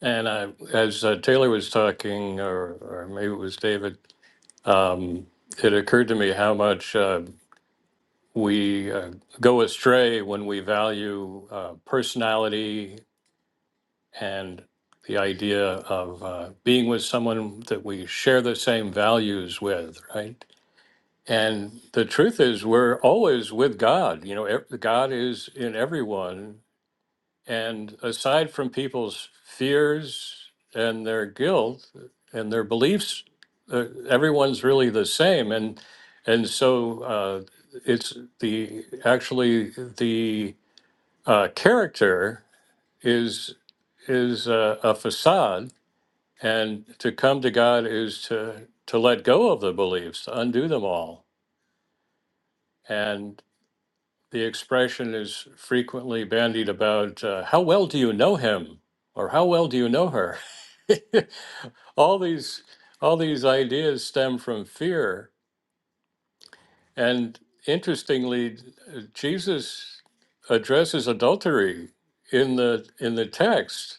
Speaker 1: And I, as uh, Taylor was talking, or, or maybe it was David, um, it occurred to me how much uh, we uh, go astray when we value uh, personality and the idea of uh, being with someone that we share the same values with, right? And the truth is, we're always with God. You know, ev- God is in everyone. And aside from people's fears and their guilt and their beliefs, uh, everyone's really the same. And and so uh, it's the actually the uh, character is is uh, a facade and to come to God is to to let go of the beliefs, to undo them all. And the expression is frequently bandied about: uh, "How well do you know him?" or "How well do you know her?" all these all these ideas stem from fear. And interestingly, Jesus addresses adultery in the in the text.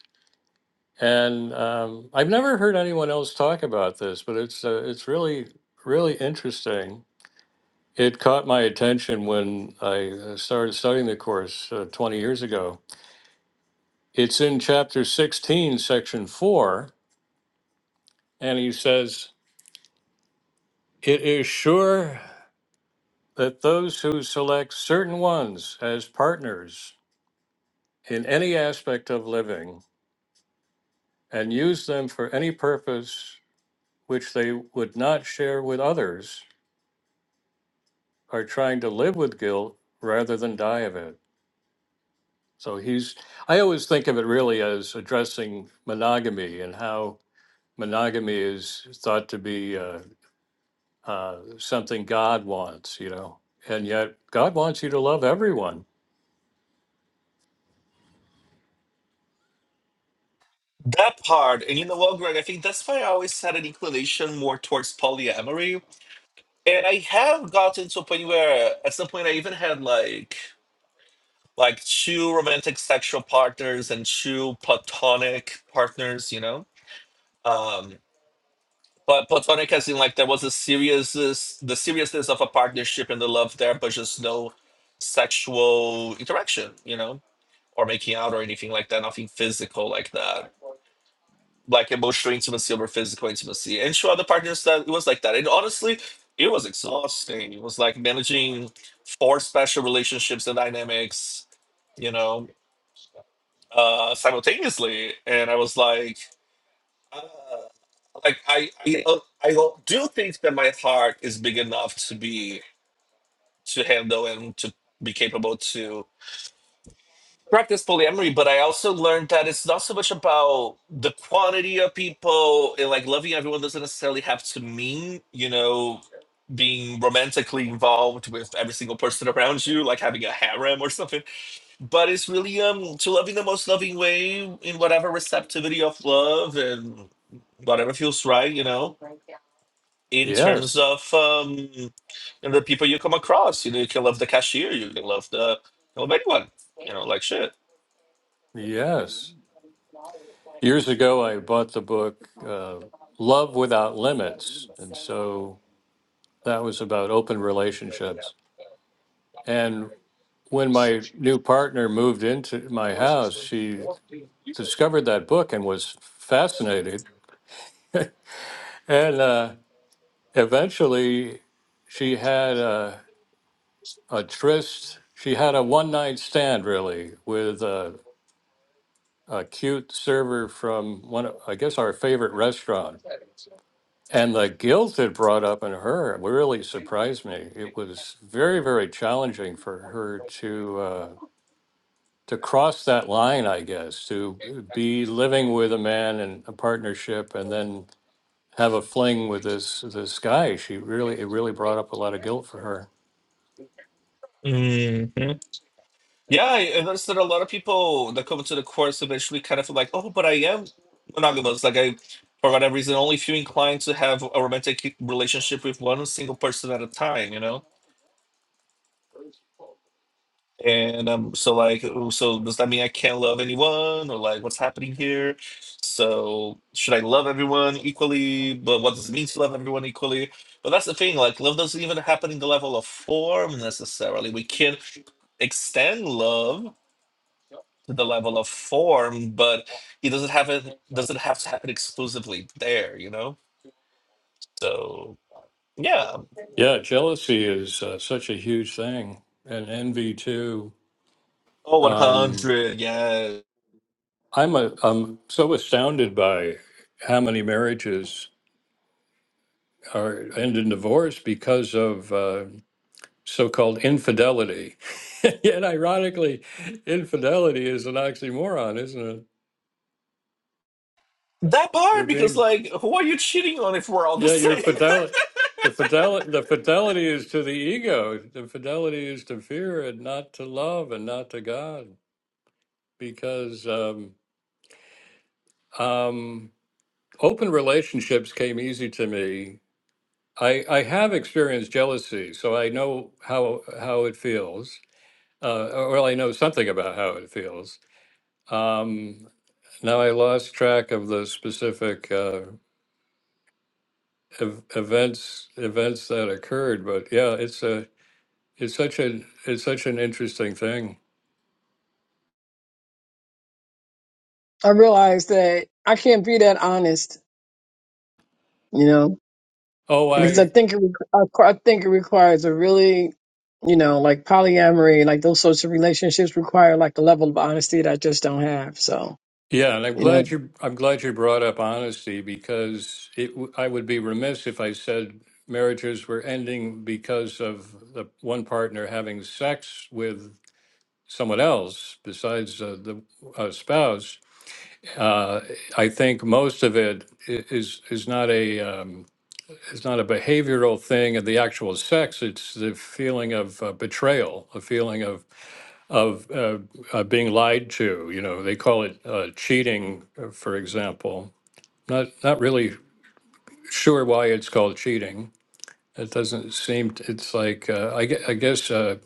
Speaker 1: And um, I've never heard anyone else talk about this, but it's uh, it's really really interesting It caught my attention when I uh, started studying the course uh, 20 years ago. It's in chapter 16, section 4, and he says, It is sure that those who select certain ones as partners in any aspect of living and use them for any purpose which they would not share with others are trying to live with guilt rather than die of it. So he's, I always think of it really as addressing monogamy and how monogamy is thought to be uh, uh, something God wants, you know, and yet God wants you to love everyone.
Speaker 2: that part and you know what greg i think that's why i always had an inclination more towards polyamory and I have gotten to a point where at some point I even had like like true romantic sexual partners and true platonic partners, you know. Um, but platonic as in like there was a seriousness, the seriousness of a partnership and the love there, but just no sexual interaction, you know, or making out or anything like that, nothing physical like that, like emotional intimacy over physical intimacy. And to other partners that it was like that. And honestly, it was exhausting. It was like managing four special relationships and dynamics, you know, uh, simultaneously, and I was like, uh, like I I uh, I will- do think that my heart is big enough to be to handle and to be capable to practice polyamory. But I also learned that it's not so much about the quantity of people and like loving everyone doesn't necessarily have to mean you know being romantically involved with every single person around you, like having a harem or something but it's really um to love in the most loving way in whatever receptivity of love and whatever feels right you know in terms
Speaker 1: Yes,
Speaker 2: of um you know, the people you come across you know you can love the cashier you can love the you love anyone you know like shit
Speaker 1: yes. Years ago, I bought the book uh, Love Without Limits. And so that was about open relationships. And when my new partner moved into my house, she discovered that book and was fascinated. And uh, eventually, she had. Uh, a tryst. She had a one night stand really with a, a cute server from one, of, I guess, our favorite restaurant. And the guilt it brought up in her really surprised me. It was very, very challenging for her to uh, to cross that line, I guess, to be living with a man in a partnership and then have a fling with this this guy. She really it really brought up a lot of guilt for her.
Speaker 2: hmm yeah I I noticed that a lot of people that come into the course eventually kind of feel like oh but I am monogamous like I for whatever reason only feel inclined to have a romantic relationship with one single person at a time you know And um, so like, oh, so does that mean I can't love anyone, or like, what's happening here? So should I love everyone equally? But what does it mean to love everyone equally? But that's the thing, like, love doesn't even happen in the level of form necessarily. We can extend love to the level of form, but it doesn't have it doesn't have to happen exclusively there, you know? So yeah.
Speaker 1: Yeah, jealousy is uh, such a huge thing, and envy too.
Speaker 2: Oh,
Speaker 1: Um,
Speaker 2: 100, yeah.
Speaker 1: I'm a, I'm so astounded by how many marriages are end in divorce because of uh, so-called infidelity. Yet, ironically, infidelity is an oxymoron, isn't it?
Speaker 2: That
Speaker 1: You're
Speaker 2: part, because
Speaker 1: being
Speaker 2: like, who are you cheating on if we're all the
Speaker 1: yeah, your
Speaker 2: same?
Speaker 1: fidelity, the fidelity, the fidelity is to the ego. The fidelity is to fear and not to love and not to God, because. Um, Um, open relationships came easy to me. I, I have experienced jealousy, so I know how how it feels. Uh, or- well, I know something about how it feels. Um, now I lost track of the specific uh, ev- events events that occurred, but yeah, it's a it's such a it's such an interesting thing.
Speaker 4: I realized that I can't be that honest, you know
Speaker 1: Oh,
Speaker 4: because
Speaker 1: I
Speaker 4: I think it requ- I I think it requires a really, you know, like polyamory, like those sorts of relationships require like a level of honesty that I just don't have. So,
Speaker 1: Yeah, and I'm
Speaker 4: you
Speaker 1: glad
Speaker 4: know,
Speaker 1: you I'm glad you brought up honesty because it w- I would be remiss if I said marriages were ending because of the one partner having sex with someone else besides uh, the uh, spouse. Uh, I think most of it i- is is not a um, is not a behavioral thing of the actual sex. It's the feeling of uh, betrayal, a feeling of of uh, uh, being lied to. You know, they call it uh, cheating, uh, for example. Not not really sure why it's called cheating. It doesn't seem. t- It's like uh, I, gue- I guess uh,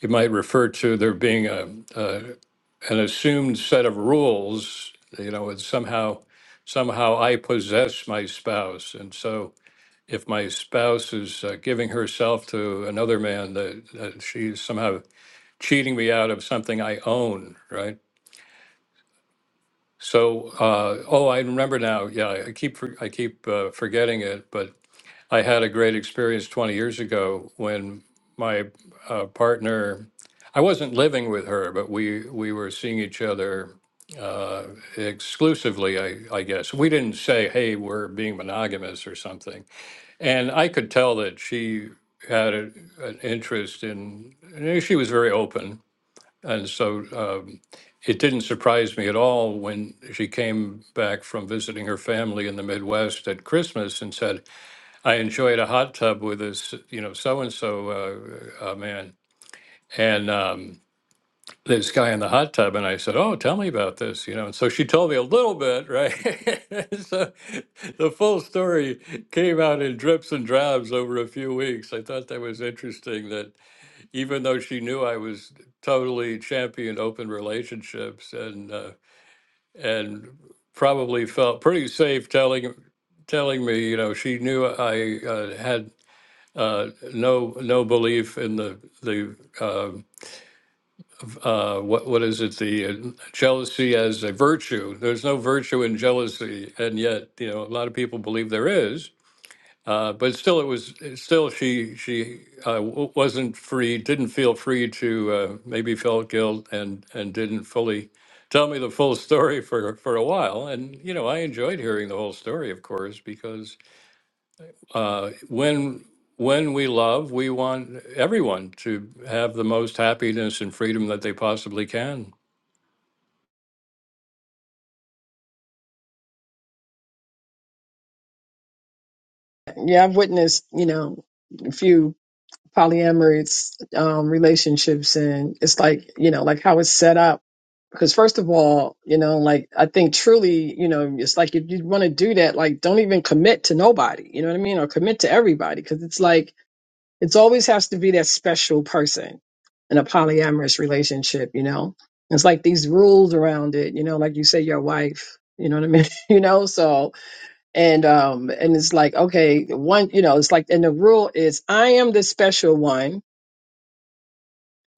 Speaker 1: you might refer to there being a, a an assumed set of rules. You know, it's somehow somehow I possess my spouse, and so if my spouse is uh, giving herself to another man, that, that she's somehow cheating me out of something I own, right? So, uh, oh, I remember now. Yeah, I keep for- I keep uh, forgetting it, but I had a great experience 20 years ago when my uh, partner, I wasn't living with her, but we, we were seeing each other uh, exclusively, I, I guess. We didn't say, hey, we're being monogamous or something. And I could tell that she had a, an interest in, and she was very open. And so um, it didn't surprise me at all when she came back from visiting her family in the Midwest at Christmas and said, I enjoyed a hot tub with this, you know, so and so uh, uh, man, and um, this guy in the hot tub, and I said, "Oh, tell me about this," you know. And so she told me a little bit, right? so the full story came out in drips and drabs over a few weeks. I thought that was interesting. That even though she knew I was totally championed open relationships and uh, and probably felt pretty safe telling telling me, you know, she knew I uh, had uh, no, no belief in the, the, uh, uh, what, what is it? The uh, jealousy as a virtue. There's no virtue in jealousy. And yet, you know, a lot of people believe there is. Uh, but still, it was still she she uh, w- wasn't free, didn't feel free to uh, maybe felt guilt and and didn't fully tell me the full story for for a while. And you know, I enjoyed hearing the whole story, of course, because uh, when when we love, we want everyone to have the most happiness and freedom that they possibly can.
Speaker 4: yeah, I've witnessed, you know, a few polyamorous um, relationships, and it's like, you know, like how it's set up. Because first of all, you know, like I think truly, you know, it's like if you want to do that, like don't even commit to nobody. You know what I mean? Or commit to everybody, because it's like It's always has to be that special person in a polyamorous relationship, you know? It's like these rules around it, you know, like you say your wife, you know what I mean? you know, so and um and it's like, okay, one, you know, it's like and the rule is I am the special one.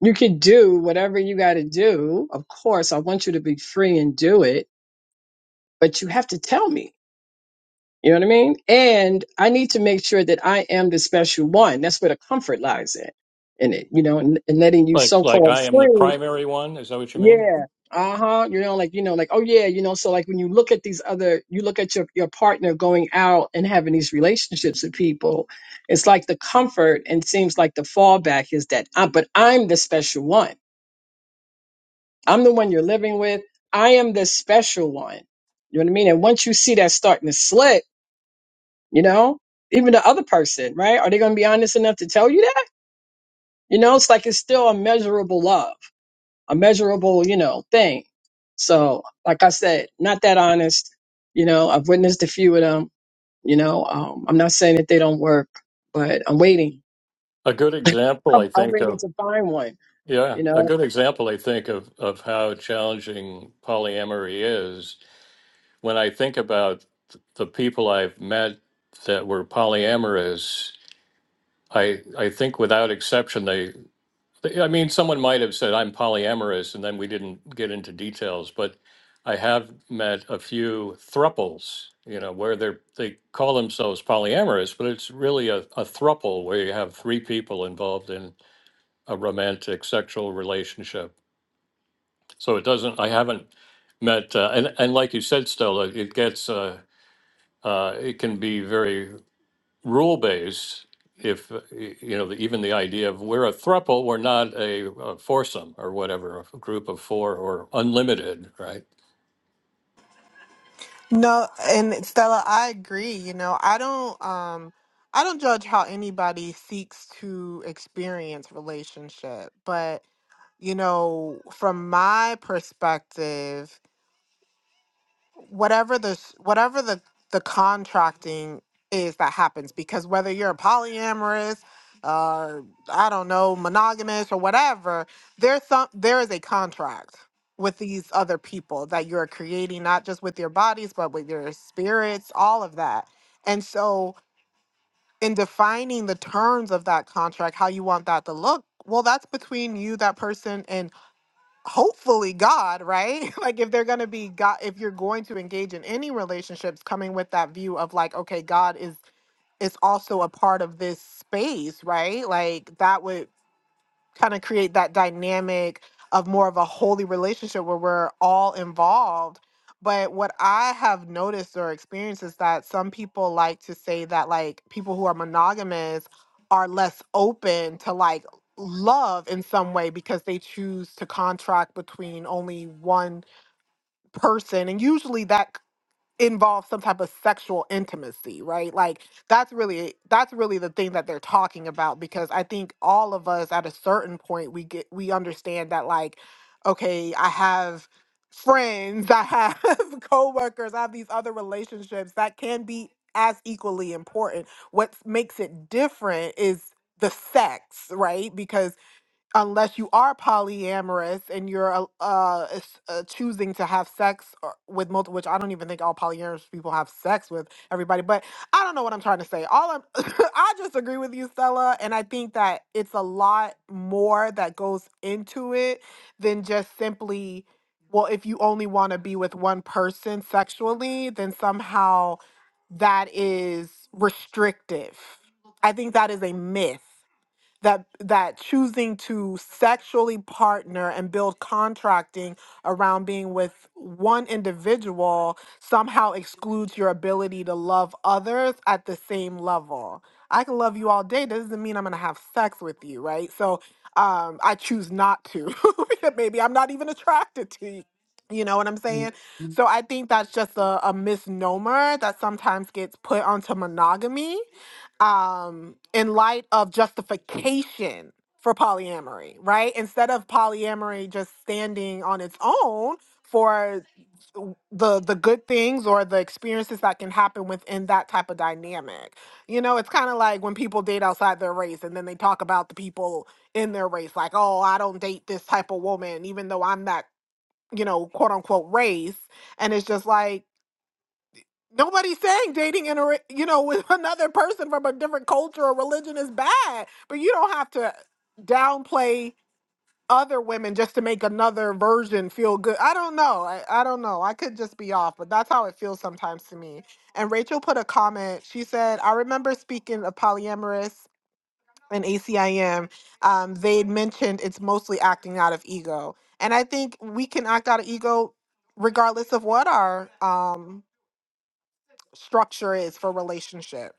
Speaker 4: You can do whatever you gotta do. Of course, I want you to be free and do it, but you have to tell me. You know what I mean? And I need to make sure that I am the special one. That's where the comfort lies in, in it, you know, and, and letting you
Speaker 1: Like
Speaker 4: so
Speaker 1: like
Speaker 4: called
Speaker 1: I am the
Speaker 4: free.
Speaker 1: primary one. Is that what you mean?
Speaker 4: Yeah. Uh huh. You know, like, you know, like, oh yeah, you know, so like when you look at these other, you look at your, your partner going out and having these relationships with people, it's like the comfort and seems like the fallback is that, uh, but I'm the special one. I'm the one you're living with. I am the special one. You know what I mean? And once you see that starting to slip, you know even the other person right are they going to be honest enough to tell you that you know it's like it's still a measurable love a measurable you know thing so like i said not that honest you know i've witnessed a few of them you know um, i'm not saying that they don't work but i'm waiting
Speaker 1: A good example,
Speaker 4: i'm
Speaker 1: I
Speaker 4: I'm
Speaker 1: think
Speaker 4: waiting
Speaker 1: of
Speaker 4: to find one
Speaker 1: yeah,
Speaker 4: you
Speaker 1: a
Speaker 4: know
Speaker 1: good example, I think of of how challenging polyamory is. When I think about th- the people I've met that were polyamorous, I I think without exception they. I mean, someone might have said I'm polyamorous, and then we didn't get into details. But I have met a few thruples, you know, where they they call themselves polyamorous, but it's really a, a thruple where you have three people involved in a romantic sexual relationship. So it doesn't. I haven't met, uh, and and like you said, Stella, it gets. Uh, uh, it can be very rule based if uh, y- you know the, even the idea of we're a thruple we're not a, a foursome or whatever a group of four or unlimited right
Speaker 3: No, and Stella, I agree. You know, I don't um I don't judge how anybody seeks to experience relationship, but you know, from my perspective, whatever the sh- whatever the the contracting is that happens because whether you're a polyamorous or I don't know monogamous or whatever there's some there is a contract with these other people that you're creating not just with your bodies but with your spirits all of that and so in defining the terms of that contract how you want that to look well that's between you that person and hopefully God, right? like if they're going to be God, if you're going to engage in any relationships, coming with that view of like, okay, God is is also a part of this space, right? Like that would kind of create that dynamic of more of a holy relationship where we're all involved. But what I have noticed or experienced is that some people like to say that like people who are monogamous are less open to like love in some way because they choose to contract between only one person and usually that involve some type of sexual intimacy right like that's really that's really the thing that they're talking about because i think all of us at a certain point we get we understand that like okay i have friends i have coworkers i have these other relationships that can be as equally important what makes it different is the sex right because unless you are polyamorous and you're uh, uh, s- uh, choosing to have sex or, with multiple, which I don't even think all polyamorous people have sex with everybody, but I don't know what I'm trying to say. All I'm, I just agree with you, Stella, and I think that it's a lot more that goes into it than just simply, well, if you only want to be with one person sexually, then somehow that is restrictive. I think that is a myth that that choosing to sexually partner and build contracting around being with one individual somehow excludes your ability to love others at the same level. I can love you all day. That doesn't mean I'm gonna have sex with you, right? So um, I choose not to. Maybe I'm not even attracted to you. You know what I'm saying? So I think that's just a, a misnomer that sometimes gets put onto monogamy um, in light of justification for polyamory, right? Instead of polyamory just standing on its own for the the good things or the experiences that can happen within that type of dynamic. You know, it's kind of like when people date outside their race and then they talk about the people in their race like, "Oh, I don't date this type of woman even though I'm that, you know, quote unquote race." And it's just like Nobody's saying dating in a re- you know with another person from a different culture or religion is bad, but you don't have to downplay other women just to make another version feel good. I don't know. I, I don't know. I could just be off, but that's how it feels sometimes to me. And Rachel put a comment. She said, "I remember speaking of polyamorous and ACIM. Um, they'd mentioned it's mostly acting out of ego, and I think we can act out of ego regardless of what our um." structure is for relationship.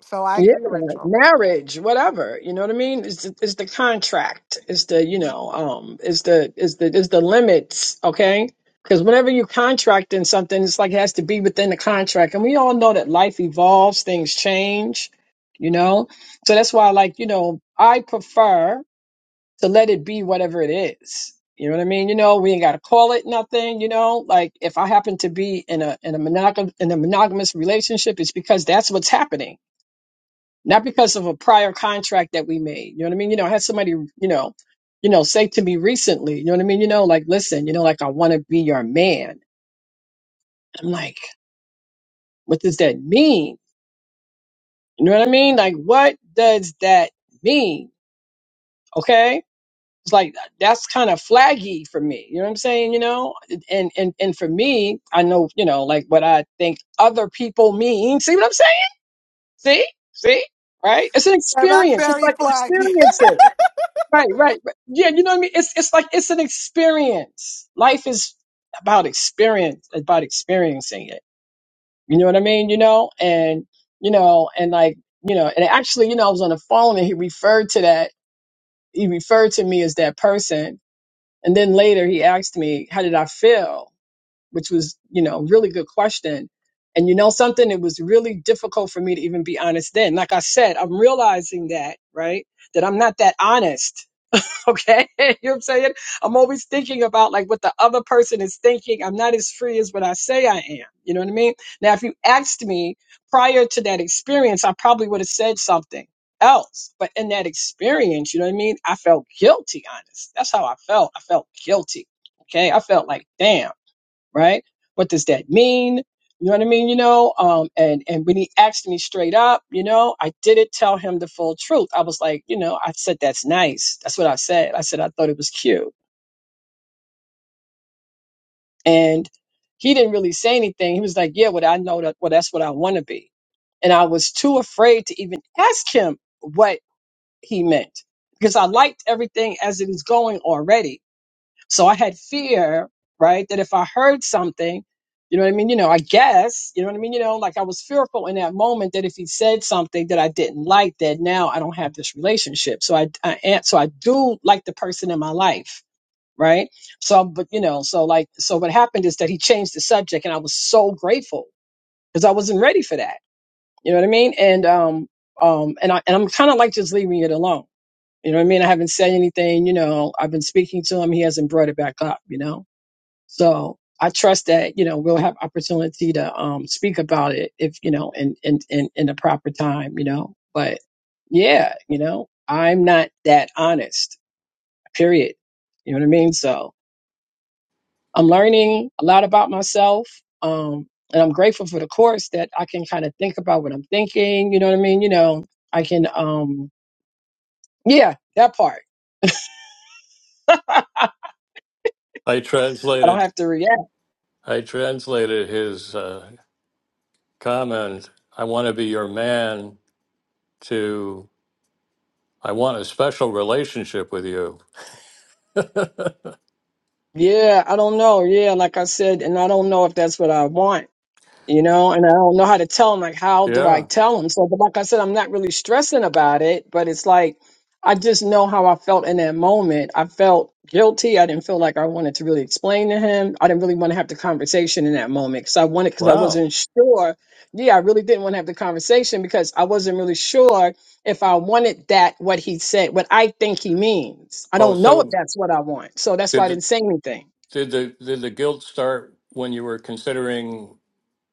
Speaker 3: So I
Speaker 4: Yeah,
Speaker 3: agree, Rachel.
Speaker 4: marriage, whatever. You know what I mean? It's the, it's the contract. It's the you know um. It's the it's the it's the limits. Okay, because whenever you contract in something, it's like it has to be within the contract. And we all know that life evolves, things change. You know, so that's why like you know I prefer to let it be whatever it is. You know what I mean? You know, we ain't got to call it nothing. You know, like if I happen to be in a in a monogam in a monogamous relationship, it's because that's what's happening not because of a prior contract that we made. You know what I mean? You know, I had somebody, you know, you know, say to me recently, you know what I mean? You know, like, listen, you know, like I want to be your man. I'm like, what does that mean? You know what I mean? Like, what does that mean? Okay. It's like that's kind of flaggy for me. You know what I'm saying? You know, and and and for me, I know, you know, like what I think other people mean. See what I'm saying? See, see, right? It's an
Speaker 3: Yeah, that's
Speaker 4: experience. It's
Speaker 3: very
Speaker 4: like
Speaker 3: flaggy.
Speaker 4: experiencing. Right, right, right. Yeah, you know what I mean? It's it's like it's an experience. Life is about experience, about experiencing it. You know what I mean? You know, and you know, and like, you know, and actually, you know, I was on the phone and he referred to that he referred to me as that person. And then later he asked me, How did I feel? Which was, you know, really good question. And you know something, it was really difficult for me to even be honest then. Like I said, I'm realizing that, right? That I'm not that honest Okay. you know what I'm saying? I'm always thinking about like what the other person is thinking. I'm not as free as what I say I am. You know what I mean? Now, if you asked me prior to that experience, I probably would have said something else. But in that experience, you know what I mean? I felt guilty, honest. That's how I felt. I felt guilty. Okay. I felt like, damn right? What does that mean? You know what I mean? You know, um, and and when he asked me straight up, you know, I didn't tell him the full truth. I was like, you know, I said that's nice. That's what I said. I said I thought it was cute, and he didn't really say anything. He was like, yeah, well, I know that. Well, that's what I want to be, and I was too afraid to even ask him what he meant because I liked everything as it was going already So I had fear, right, that if I heard something, you know what I mean? You know, I guess, you know what I mean? You know, like I was fearful in that moment that if he said something that I didn't like, that now I don't have this relationship. So I, I am- so I do like the person in my life, right? So, but you know, so like, so what happened is that he changed the subject and I was so grateful because I wasn't ready for that. You know what I mean? And, um, um, and I, and I'm kind of like just leaving it alone. You know what I mean? I haven't said anything, you know, I've been speaking to him. He hasn't brought it back up, you know? So I trust that you know we'll have opportunity to um, speak about it if you know in, in in in the proper time, you know. But yeah, you know, I'm not that honest. Period. You know what I mean? So I'm learning a lot about myself, um, and I'm grateful for the course that I can kind of think about what I'm thinking. You know what I mean? You know, I can um, yeah, that part.
Speaker 1: i
Speaker 4: I don't
Speaker 1: translated
Speaker 4: have to react.
Speaker 1: i translated his uh, comment i want to be your man to i want a special relationship with you
Speaker 4: Yeah, I don't know. Yeah, like I said, and I don't know if that's what I want you know, and I don't know how to tell him. Like, how do I
Speaker 1: yeah
Speaker 4: tell him? So, but like I said, I'm not really stressing about it, but it's like I just know how I felt in that moment. I felt guilty. I didn't feel like I wanted to really explain to him. I didn't really want to have the conversation in that moment because I wanted because I
Speaker 1: wow
Speaker 4: wasn't sure. Yeah, I really didn't want to have the conversation because I wasn't really sure if I wanted that what he said, what I think he means. I
Speaker 1: oh
Speaker 4: don't know if
Speaker 1: so
Speaker 4: that's what I want, so that's why
Speaker 1: did
Speaker 4: I
Speaker 1: the,
Speaker 4: didn't say anything.
Speaker 1: did the did the guilt start when you were considering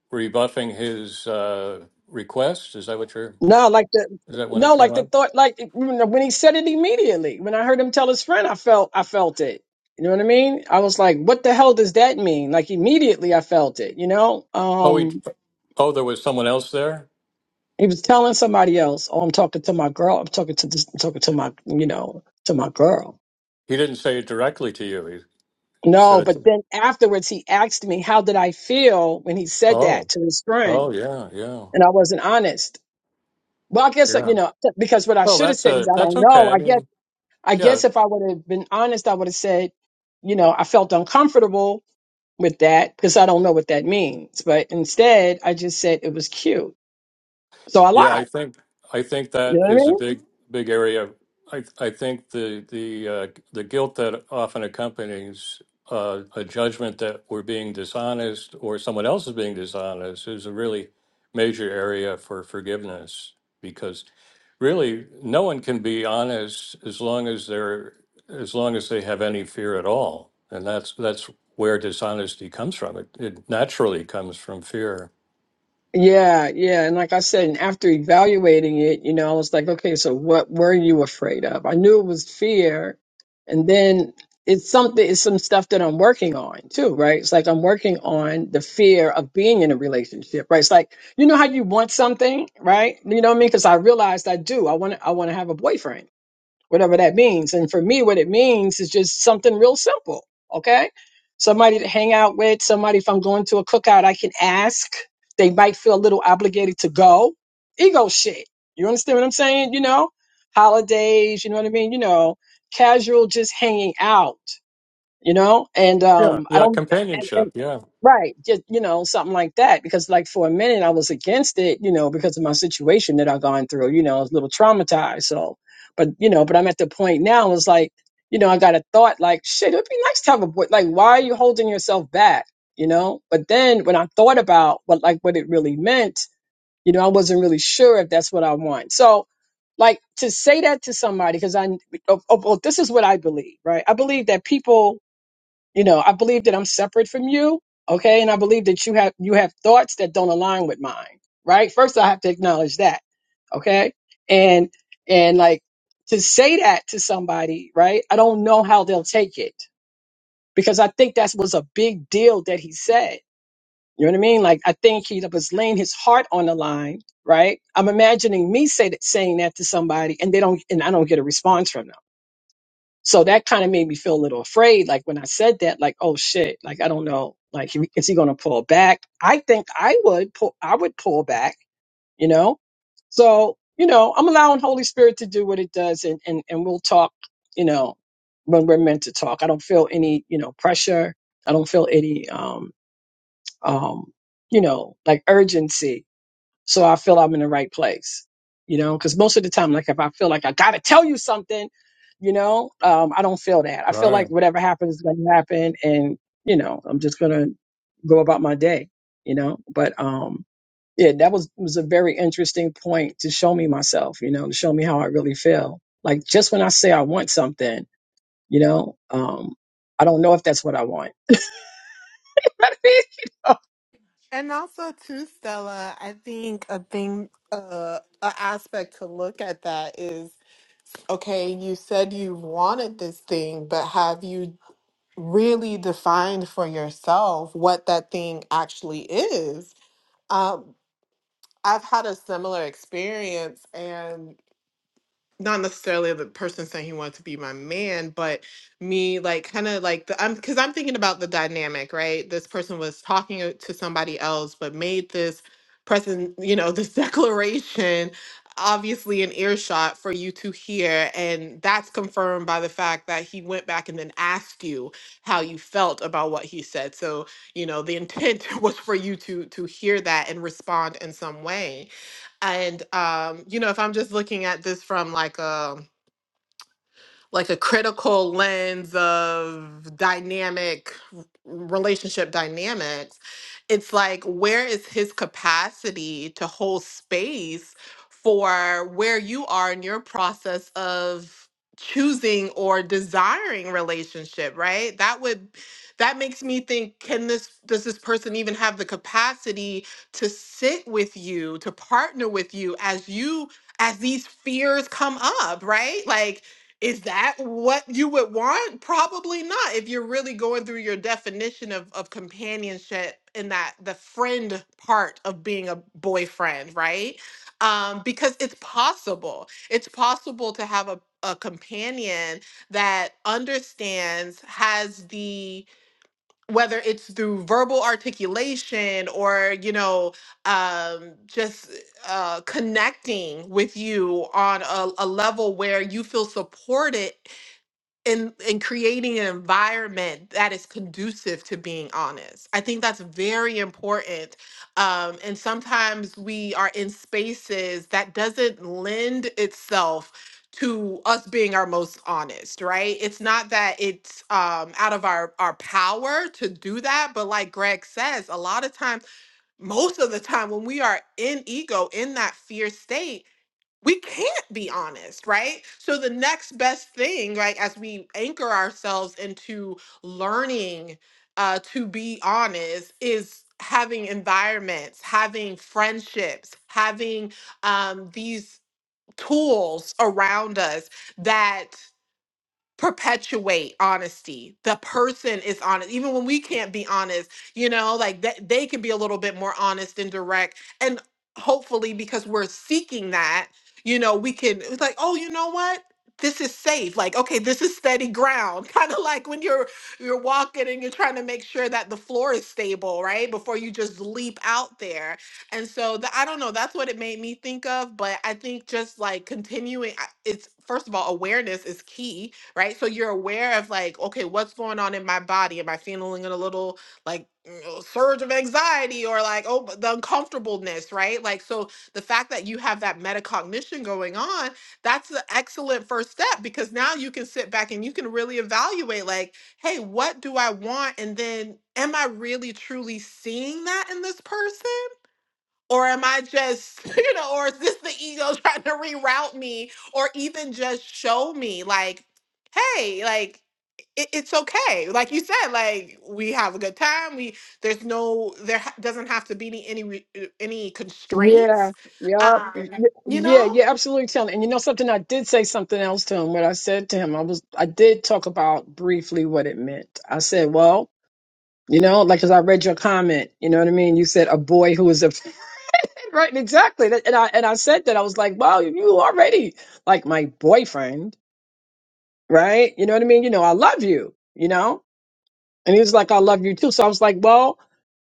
Speaker 1: rebuffing his uh, request is that what you're
Speaker 4: No, like the
Speaker 1: is that when it
Speaker 4: no,
Speaker 1: came
Speaker 4: like the
Speaker 1: up
Speaker 4: thought, like you know, when he said it immediately. When I heard him tell his friend, I felt, I felt it. You know what I mean? I was like, what the hell does that mean? Like immediately, I felt it. You know,
Speaker 1: Oh, he,
Speaker 4: um,
Speaker 1: oh, there was someone else there.
Speaker 4: he was telling somebody else, oh, I'm talking to my girl. I'm talking to this, I'm talking to my, you know, to my girl.
Speaker 1: He didn't say it directly to you. He said
Speaker 4: No,
Speaker 1: it.
Speaker 4: but
Speaker 1: To,
Speaker 4: then afterwards, he asked me, how did I feel when he said
Speaker 1: oh,
Speaker 4: that to his
Speaker 1: oh,
Speaker 4: friend?
Speaker 1: yeah, yeah,
Speaker 4: And I wasn't honest. Well, I guess
Speaker 1: yeah.
Speaker 4: you know because what I
Speaker 1: Well,
Speaker 4: should have
Speaker 1: that's
Speaker 4: said is
Speaker 1: a
Speaker 4: I
Speaker 1: that's
Speaker 4: don't
Speaker 1: okay.
Speaker 4: know.
Speaker 1: I
Speaker 4: I guess
Speaker 1: mean,
Speaker 4: I
Speaker 1: yeah,
Speaker 4: guess if I would have been honest, I would have said, you know, I felt uncomfortable with that because I don't know what that means. But instead, I just said it was cute. So I
Speaker 1: yeah. I
Speaker 4: lied.
Speaker 1: think I think
Speaker 4: You know
Speaker 1: that
Speaker 4: what I mean?
Speaker 1: is a big big area. I I think the the uh, the guilt that often accompanies. Uh, a judgment that we're being dishonest or someone else is being dishonest is a really major area for forgiveness because really no one can be honest as long as they're as long as they have any fear at all and that's that's where dishonesty comes from it, it naturally comes from fear
Speaker 4: Yeah, yeah. And like I said, and after evaluating it, you know, I was like, okay, so what were you afraid of? I knew it was fear. And then it's something, it's some stuff that I'm working on too, right? It's like I'm working on the fear of being in a relationship, right? It's like, you know how you want something, right? You know what I mean? Because I realized I do. I want to, I want to have a boyfriend whatever that means. And for me, what it means is just something real simple. Okay. Somebody to hang out with, somebody if I'm going to a cookout, I can ask. They might feel a little obligated to go. Ego shit. You understand what I'm saying? You know, holidays, you know what I mean? You know, casual just hanging out you know, and
Speaker 1: yeah
Speaker 4: um, I
Speaker 1: yeah
Speaker 4: don't, and,
Speaker 1: companionship
Speaker 4: and
Speaker 1: yeah
Speaker 4: right, just you know, something like that. Because like for a minute, I was against it, you know, because of my situation that I've gone through. You know, I was a little traumatized. So, but you know, but I'm at the point now. It's like, you know, I got a thought like, shit, it'd be nice to have a boy. Like, why are you holding yourself back? You know. But then when I thought about what like what it really meant, you know, I wasn't really sure if that's what I want. So like to say that to somebody because i oh, oh, well this is what i believe right i believe that people you know i believe that i'm separate from you okay and i believe that you have you have thoughts that don't align with mine right first i have to acknowledge that okay and and like to say that to somebody right i don't know how they'll take it because i think that was a big deal that he said you know what i mean like i think he was laying his heart on the line right i'm imagining me say that, saying that to somebody and they don't and i don't get a response from them so that kind of made me feel a little afraid. Like when I said that, like, oh shit, like I don't know, like he- is he going to pull back? I think I would pull, I would pull back, you know? So, you know, I'm allowing Holy Spirit to do what it does and, and, and we'll talk, you know, when we're meant to talk. I don't feel any, you know, pressure. I don't feel any, um, um, you know, like urgency so I feel I'm in the right place. You know, because most of the time, like if I feel like I gotta tell you something, you know, um, I don't feel that. I feel
Speaker 1: right.
Speaker 4: like whatever happens is gonna happen, and you know, I'm just gonna go about my day. You know, but um, yeah, that was was a very interesting point to show me myself. You know, to show me how I really feel. Like just when I say I want something, you know, um, I don't know if that's what I want Parecido.
Speaker 3: And also too, Stella, I think a thing uh an aspect to look at that is okay, you said you wanted this thing, but have you really defined for yourself what that thing actually is? Um I've had a similar experience and not necessarily the person saying he wanted to be my man, but me like kind of like the I'm because I'm thinking about the dynamic, right? This person was talking o- to somebody else, but made this present, you know, this declaration obviously in earshot for you to hear and that's confirmed by the fact that he went back and then asked you how you felt about what he said so you know the intent was for you to to hear that and respond in some way and um, you know, if I'm just looking at this from like a like a critical lens of dynamic relationship dynamics it's like where is his capacity to hold space for where you are in your process of choosing or desiring relationship right that would that makes me think can this does this person even have the capacity to sit with you to partner with you as you as these fears come up right like is that what you would want? Probably not. If you're really going through your definition of, of companionship and that the friend part of being a boyfriend, right? Um, because it's possible. It's possible to have a, a companion that understands, has the whether it's through verbal articulation or you know um, just uh, connecting with you on a, a level where you feel supported and and creating an environment that is conducive to being honest i think that's very important um, and sometimes we are in spaces that doesn't lend itself to us being our most honest right it's not that it's um, out of our our power to do that but like greg says a lot of times most of the time when we are in ego in that fear state we can't be honest, right? So the next best thing, right, as we anchor ourselves into learning uh, to be honest, is having environments, having friendships, having um, these tools around us that perpetuate honesty. The person is honest. Even when we can't be honest, you know, like that they can be a little bit more honest and direct. And hopefully because we're seeking that, you know, we can it's like, oh, you know what? This is safe. Like, okay, this is steady ground. Kind of like when you're you're walking and you're trying to make sure that the floor is stable, right? Before you just leap out there. And so the, I don't know, that's what it made me think of, but I think just like continuing I- it's first of all awareness is key right? So you're aware of like, okay, what's going on in my body? Am I feeling a little like mm, surge of anxiety or like, oh, but the uncomfortableness, right? Like, so the fact that you have that metacognition going on, that's an excellent first step because now you can sit back and you can really evaluate like, hey, what do I want? And then am I really truly seeing that in this person? Or am I just, you know, or is this the ego trying to reroute me or even just show me, like, hey, like, it, it's okay. Like you said, like we have a good time. We there's no there ha- doesn't have to be any any, re- uh, any constraints.
Speaker 4: Yeah, yeah, Yup.
Speaker 3: Um,
Speaker 4: y-
Speaker 3: you
Speaker 4: yeah,
Speaker 3: know,
Speaker 4: yeah, absolutely, Kelly. And you know something, I did say something else to him. What I said to him, I was, I did talk about briefly what it meant. I said, well, you know, like as I read your comment, you know what I mean. You said a boy who is a right, exactly. That- And I and I said that I was like, well, you already like my boyfriend. right? You know what I mean? You know, I love you, you know? And he was like, I love you too. So I was like, well,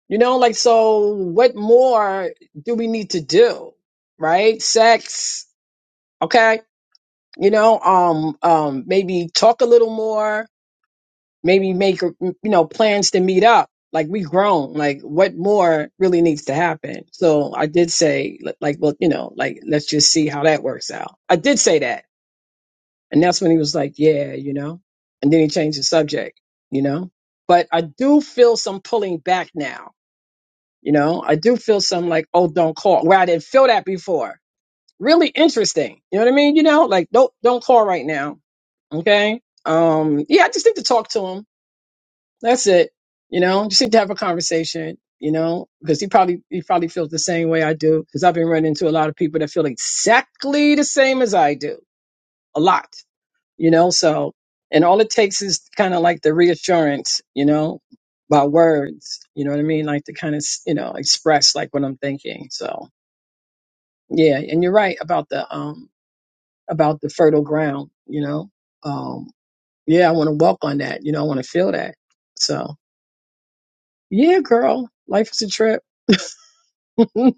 Speaker 4: you know, like, so what more do we need to do? Right? Sex. Okay. You know, um, um, maybe talk a little more, maybe make, you know, plans to meet up. Like we grown, like what more really needs to happen? So I did say, like, well, you know, like, let's just see how that works out. I did say that And that's when he was like, yeah, you know, and then he changed the subject, you know, but I do feel some pulling back now. You know, I do feel some like, oh, don't call where I didn't feel that before. Really interesting. You know what I mean? You know, like don't, don't call right now. Okay. Um, yeah, I just need to talk to him. That's it. You know, just need to have a conversation, you know, because he probably, he probably feels the same way I do because I've been running into a lot of people that feel exactly the same as I do a lot you know so and all it takes is kind of like the reassurance you know by words you know what i mean like to kind of you know express like what i'm thinking so yeah and you're right about the um about the fertile ground you know um yeah i want to walk on that you know i want to feel that so yeah girl life is a trip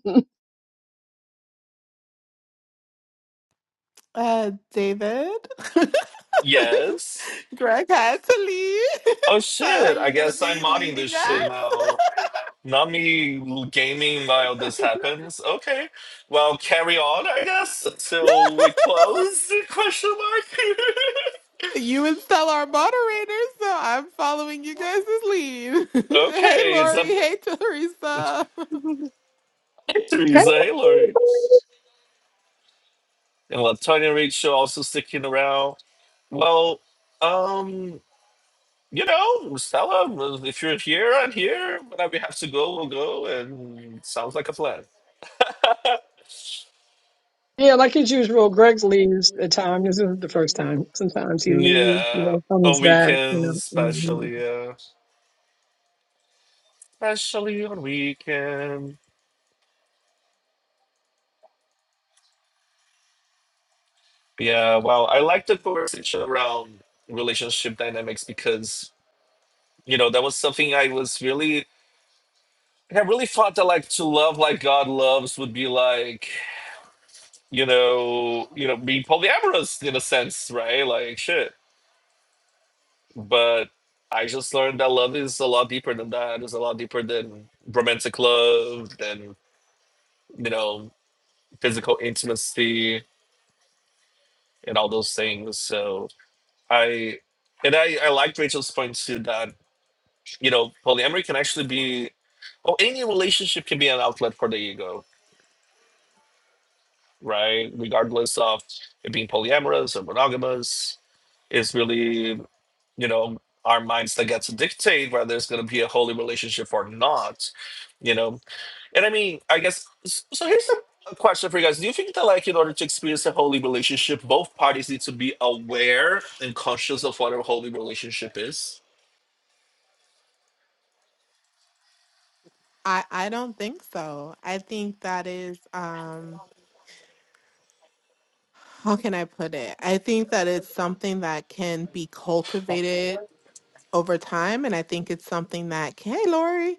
Speaker 3: uh, David,
Speaker 2: Yes.
Speaker 3: Greg had to leave.
Speaker 2: Oh
Speaker 3: so are
Speaker 2: shit, I
Speaker 3: you gonna
Speaker 2: guess I'm
Speaker 3: be
Speaker 2: modding this
Speaker 3: leading
Speaker 2: shit
Speaker 3: us?
Speaker 2: now. Not me gaming while this happens. Okay. Well, carry on, I guess, until we close? Question mark.
Speaker 3: You install our moderators, so I'm following you guys' lead. hey,
Speaker 2: okay, it's
Speaker 3: Lori.
Speaker 2: up
Speaker 3: Hey, Teresa.
Speaker 2: to
Speaker 4: Hey.
Speaker 2: Teresa Hillary. And Latonya Rachel also sticking around. Well, um, you know, Stella, well, if you're here, I'm here. Whenever you have to go, we'll go. And sounds like a plan.
Speaker 4: yeah like as usual greg leaves at time this isn't the first time sometimes he leaves you
Speaker 2: Yeah,
Speaker 4: know comes
Speaker 2: on
Speaker 4: back you
Speaker 2: weekends,
Speaker 4: know mm-hmm.
Speaker 2: especially, yeah, especially on weekend. Yeah, wow. I like the conversation around relationship dynamics because you know that was something I was really, I really thought that like to love like God loves would be like you know, you know, being polyamorous in a sense, right? Like shit. but I just learned that love is a lot deeper than that. It's a lot deeper than romantic love, than you know, physical intimacy and all those things. So I and I, I liked Rachel's point too that, you know, polyamory can actually be or any relationship can be an outlet for the ego right? Regardless of it being polyamorous or monogamous, it's really, you know, our minds that get to dictate whether it's going to be a holy relationship or not, you know? And I mean, I guess, s- so here's a, a question for you guys. Do you think that, like, in order to experience a holy relationship, both parties need to be aware and conscious of what a holy relationship is?
Speaker 3: I I don't think so. I think that is um how can I put it? I think that it's something that can be cultivated over time, and I think it's something that hey, Lori.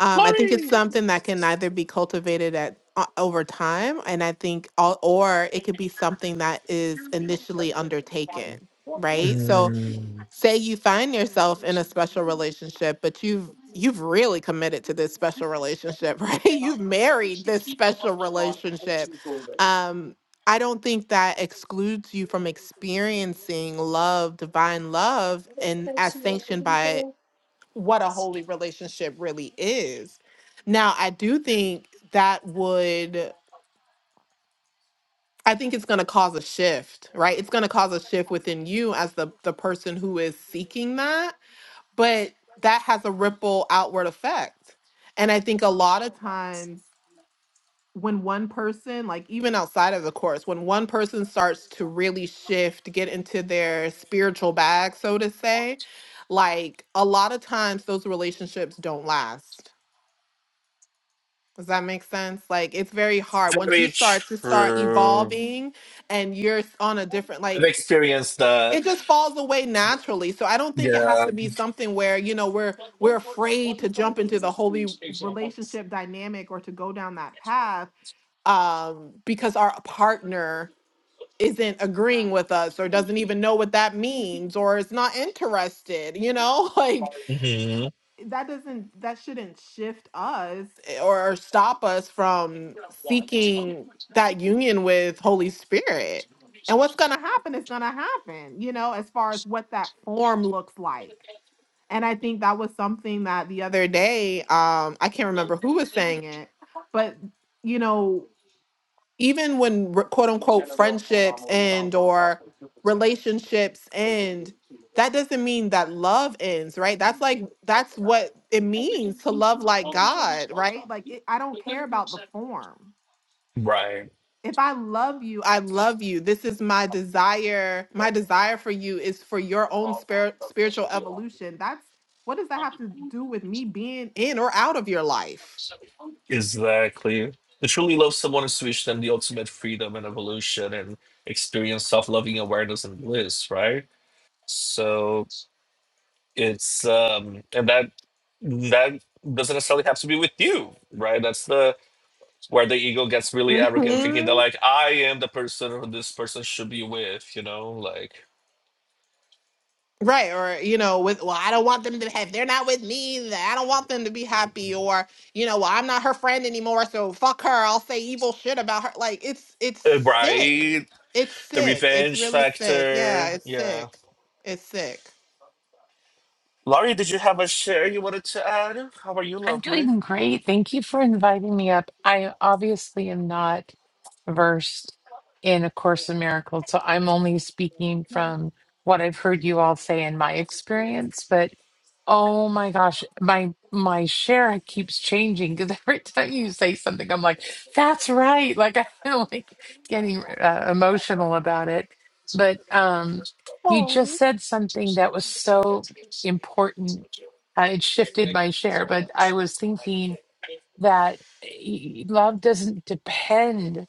Speaker 3: Um,
Speaker 2: Not
Speaker 3: I think it's something that can either be cultivated at uh, over time, and I think, all, or it could be something that is initially undertaken, right? So say you find yourself in a special relationship but you've you've really committed to this special relationship right you've married this special relationship um i don't think that excludes you from experiencing love divine love and as sanctioned by what a holy relationship really is now i do think that would i think it's going to cause a shift right it's going to cause a shift within you as the the person who is seeking that but that has a ripple outward effect. And I think a lot of times when one person, like even outside of the course, when one person starts to really shift, get into their spiritual bag, so to say, like a lot of times those relationships don't last. Does that make sense? Like it's very hard once you
Speaker 2: very
Speaker 3: start to start
Speaker 2: true.
Speaker 3: evolving and you're on a different
Speaker 2: I've
Speaker 3: like
Speaker 2: experienced that.
Speaker 3: it just falls away naturally. So I don't think it has
Speaker 2: Yeah.
Speaker 3: to be something where, you know, we're we're afraid to jump into the holy relationship dynamic or to go down that path um because our partner isn't agreeing with us or doesn't even know what that means or is not interested, you know? Like
Speaker 2: Mhm.
Speaker 3: that doesn't that shouldn't shift us or stop us from seeking that union with holy spirit and what's going to happen is going to happen you know as far as what that form looks like and i think that was something that the other day um i can't remember who was saying it but you know even when re- quote unquote friendships end or relationships end that doesn't mean that love ends right that's like that's what it means to love like god right like it, i don't care about the form if i love you i love you this is my desire my desire for you is for your own spirit spiritual evolution that's what does that have to do with me being in or out of your life
Speaker 2: Exactly. To truly love someone is to wish them the ultimate freedom and evolution and experience self loving awareness and bliss, right? So it's um and that that doesn't necessarily have to be with you, right? That's the where the ego gets really arrogant, thinking that like I am the person who this person should be with, you know, like
Speaker 3: Right, or you know, with well, I don't want them to have. They're not with me. that I don't want them to be happy. Or you know, well, I'm not her friend anymore, so fuck her. I'll say evil shit about her. Like it's it's
Speaker 2: uh,
Speaker 3: sick.
Speaker 2: right?
Speaker 3: It's
Speaker 2: The
Speaker 3: sick. It's
Speaker 2: revenge
Speaker 3: really sick. Yeah,
Speaker 2: factor.
Speaker 3: it's
Speaker 2: Yeah.
Speaker 3: sick. It's sick.
Speaker 2: Laurie, did you have a share you wanted to add? How are you,
Speaker 5: I'm
Speaker 2: lovely?
Speaker 5: doing great. Thank you for inviting me up. I obviously am not versed in A Course in Miracles, so I'm only speaking from what I've heard you all say in my experience. But Oh my gosh, my my share keeps changing because every time you say something, I'm like, "That's right!" Like I feel like getting uh, emotional about it. But um, you just said something that was so important. Uh, it shifted my share, but I was thinking that eh, love doesn't depend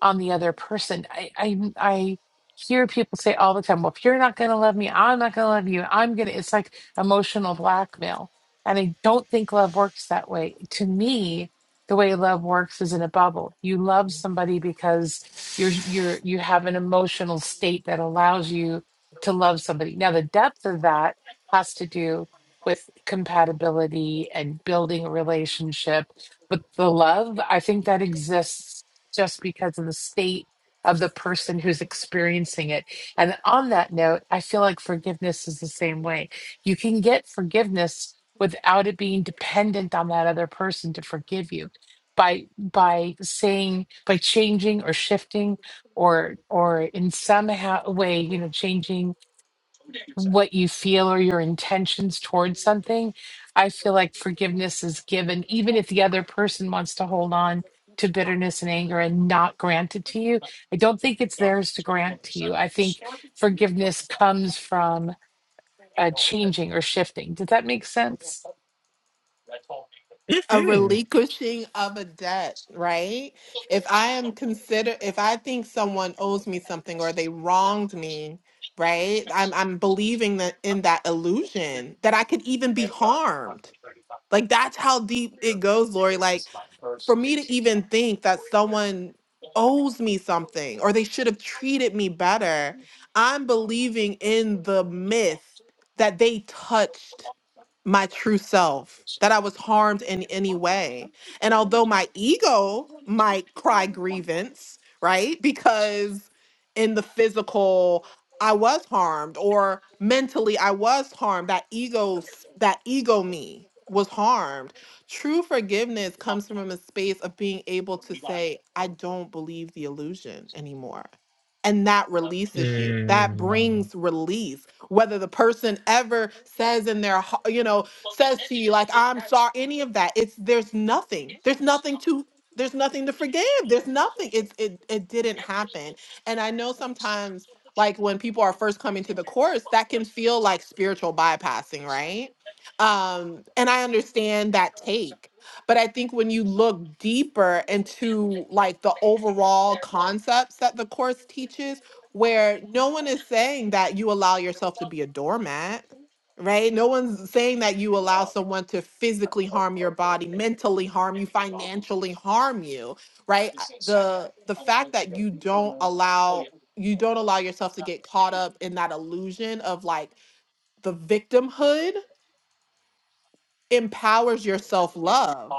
Speaker 5: on the other person. I I, I hear people say all the time, "Well, if you're not going to love me, I'm not going to love you. I'm going to." It's like emotional blackmail, and I don't think love works that way. To me, the way love works is in a bubble. You love somebody because you're you're you have an emotional state that allows you to love somebody. Now, the depth of that has to do with compatibility and building a relationship but the love i think that exists just because of the state of the person who's experiencing it. And on that note, I feel like forgiveness is the same way. You can get forgiveness without it being dependent on that other person to forgive you by by saying by changing or shifting or or in somehow way you know changing what you feel or your intentions towards something, I feel like forgiveness is given, even if the other person wants to hold on to bitterness and anger and not grant it to you. I don't think it's theirs to grant to you. I think forgiveness comes from uh, changing or shifting. Does that make sense?
Speaker 3: A
Speaker 2: Hmm.
Speaker 3: relinquishing of a debt, right? If I am consider, if I think someone owes me something or they wronged me, right? I'm I'm believing that in that illusion that I could even be harmed Like that's how deep it goes, Lori. Like for me to even think that someone owes me something or they should have treated me better, I'm believing in the myth that they touched my true self, that I was harmed in any way. And although my ego might cry grievance, right? Because in the physical, I was harmed or mentally I was harmed. That ego, that ego me was harmed. True forgiveness comes from a space of being able to say, I don't believe the illusion anymore. And that releases you. That brings release whether the person ever says in their hea- you know says to you like i'm sorry any of that it's there's nothing there's nothing to there's nothing to forgive there's nothing it's it, it didn't happen and i know sometimes like when people are first coming to the course that can feel like spiritual bypassing right um and i understand that take but i think when you look deeper into like the overall concepts that the course teaches where no one is saying that you allow yourself to be a doormat, right? No one's saying that you allow someone to physically harm your body, mentally harm you, financially harm you, right? I- The the fact that you don't allow you don't allow yourself to get caught up in that illusion of like the victimhood empowers your self-love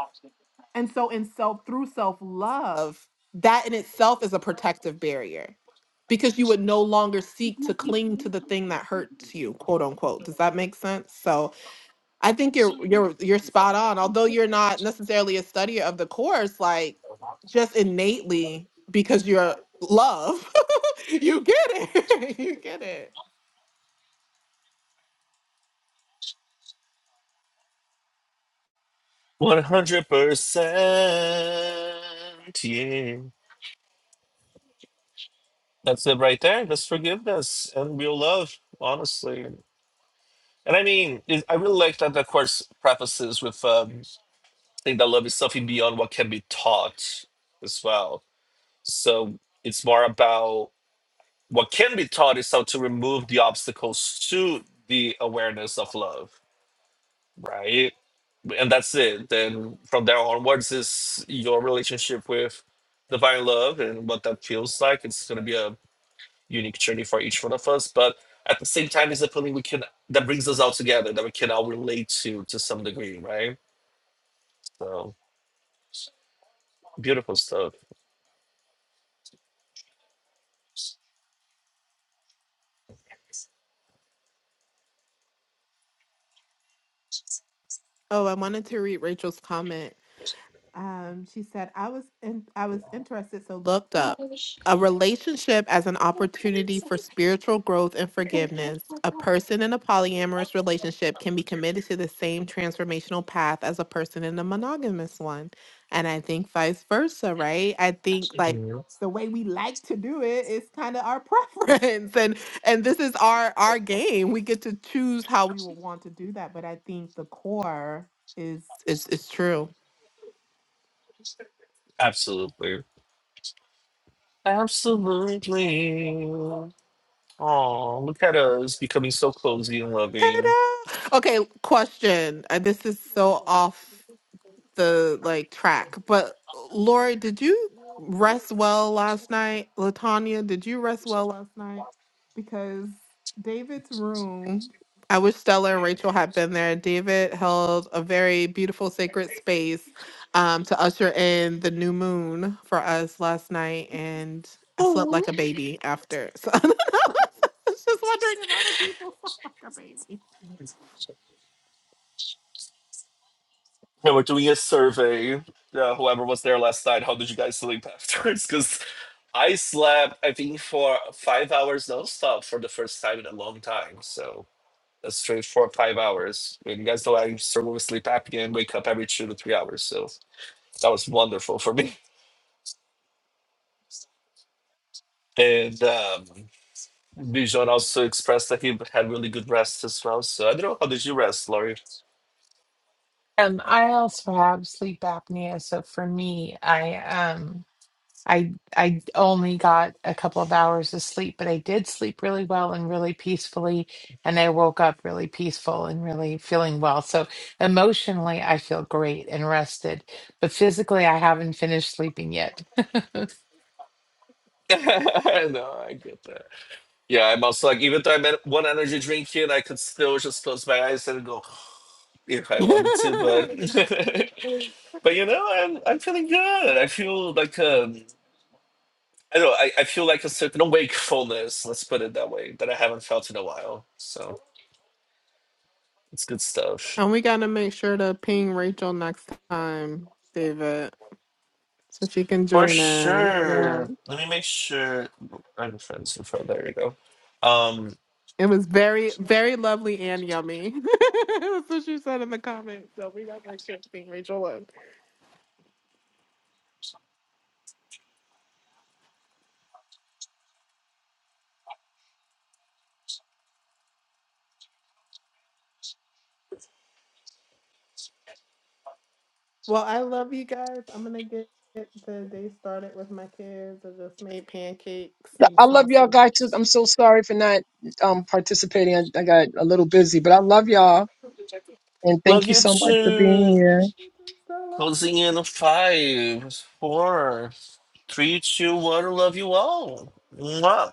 Speaker 3: and so in self through self-love, that in itself is a protective barrier because you would no longer seek to cling to the thing that hurts you, quote unquote. Does that make sense? So I think you're you're you're spot on. Although you're not necessarily a studier of the course, like just innately because you're love, you get it. you get it.
Speaker 2: One hundred percent. Yeah, that's it right there. That's forgiveness and real love, honestly. And I mean, it, I really like that the course prefaces with um, saying that love is something beyond what can be taught as well. So it's more about what can be taught is how to remove the obstacles to the awareness of love, right? and that's it. Then from there onwards is your relationship with divine love and what that feels like. It's gonna be a unique journey for each one of us, but at the same time, it's a feeling we can that brings us all together that we can all relate to to some degree, right? So beautiful stuff.
Speaker 3: Oh, I wanted to read Rachel's comment Um, she said, "I was in, I was interested, so looked up
Speaker 2: Mhm.
Speaker 3: a relationship as an opportunity for spiritual growth and forgiveness. A person in a polyamorous relationship can be committed to the same transformational path as a person in a monogamous one, and I think vice versa, right? I think like." The way we like to do it is kind of our preference, and and this is our our game. We get to choose how we would want to do that. But I think the core is is is true.
Speaker 2: Absolutely. Absolutely. Oh, look at us becoming so cozy and loving.
Speaker 3: I know. Okay, question. Uh, This is so off the like track, but Lori, did you rest well last night? Latanya, did you rest well last night? Because David's room, I wish Stella and Rachel had been there. David held a very beautiful sacred space um, to usher in the new moon for us last night, and I slept like a baby after. So I was just wondering if other people slept like a baby.
Speaker 2: Yeah, we're doing a survey. Yeah, whoever was there last night, how did you guys sleep afterwards? Because I slept, I think, for five hours nonstop for the first time in a long time. So that's straight for five hours. And you guys know I struggle with sleep apnea and wake up every two to three hours. So that was wonderful for me. And um, Bijan also expressed that he had really good rest as well. So I don't know, how did you rest, Laurie?
Speaker 5: Um, I also have sleep apnea, so for me, I um I I only got a couple of hours of sleep, but I did sleep really well and really peacefully, and I woke up really peaceful and really feeling well. So emotionally, I feel great and rested, but physically, I haven't finished sleeping yet.
Speaker 2: no, I get that. Yeah, I'm also like, even though I'm at one energy drink here, and I could still just close my eyes and go if I wanted to, but but you know, I'm I'm feeling good. I feel like um, I don't know, I, I feel like a certain wakefulness. Let's put it that way that I haven't felt in a while. So it's good stuff
Speaker 3: and we gotta make sure to ping Rachel next time, David, so she can
Speaker 2: for
Speaker 3: join us. Yeah,
Speaker 2: sure. Let me make sure I'm friends with her. There you go. Um,
Speaker 3: it was very, very lovely and yummy. That's what she said in the comments. So we gotta make sure to ping Rachel. up. Well, I love you guys. I'm gonna get the day started with my kids. I just made pancakes and
Speaker 4: I love y'all guys. too.
Speaker 3: sausage.
Speaker 4: I'm so sorry for not um participating. I, I got a little busy, but I love y'all and
Speaker 2: love
Speaker 4: thank you
Speaker 2: you
Speaker 4: so much for being
Speaker 2: too.
Speaker 4: here.
Speaker 2: Closing in on five, four. Three, two, one. Love you all. Mwah.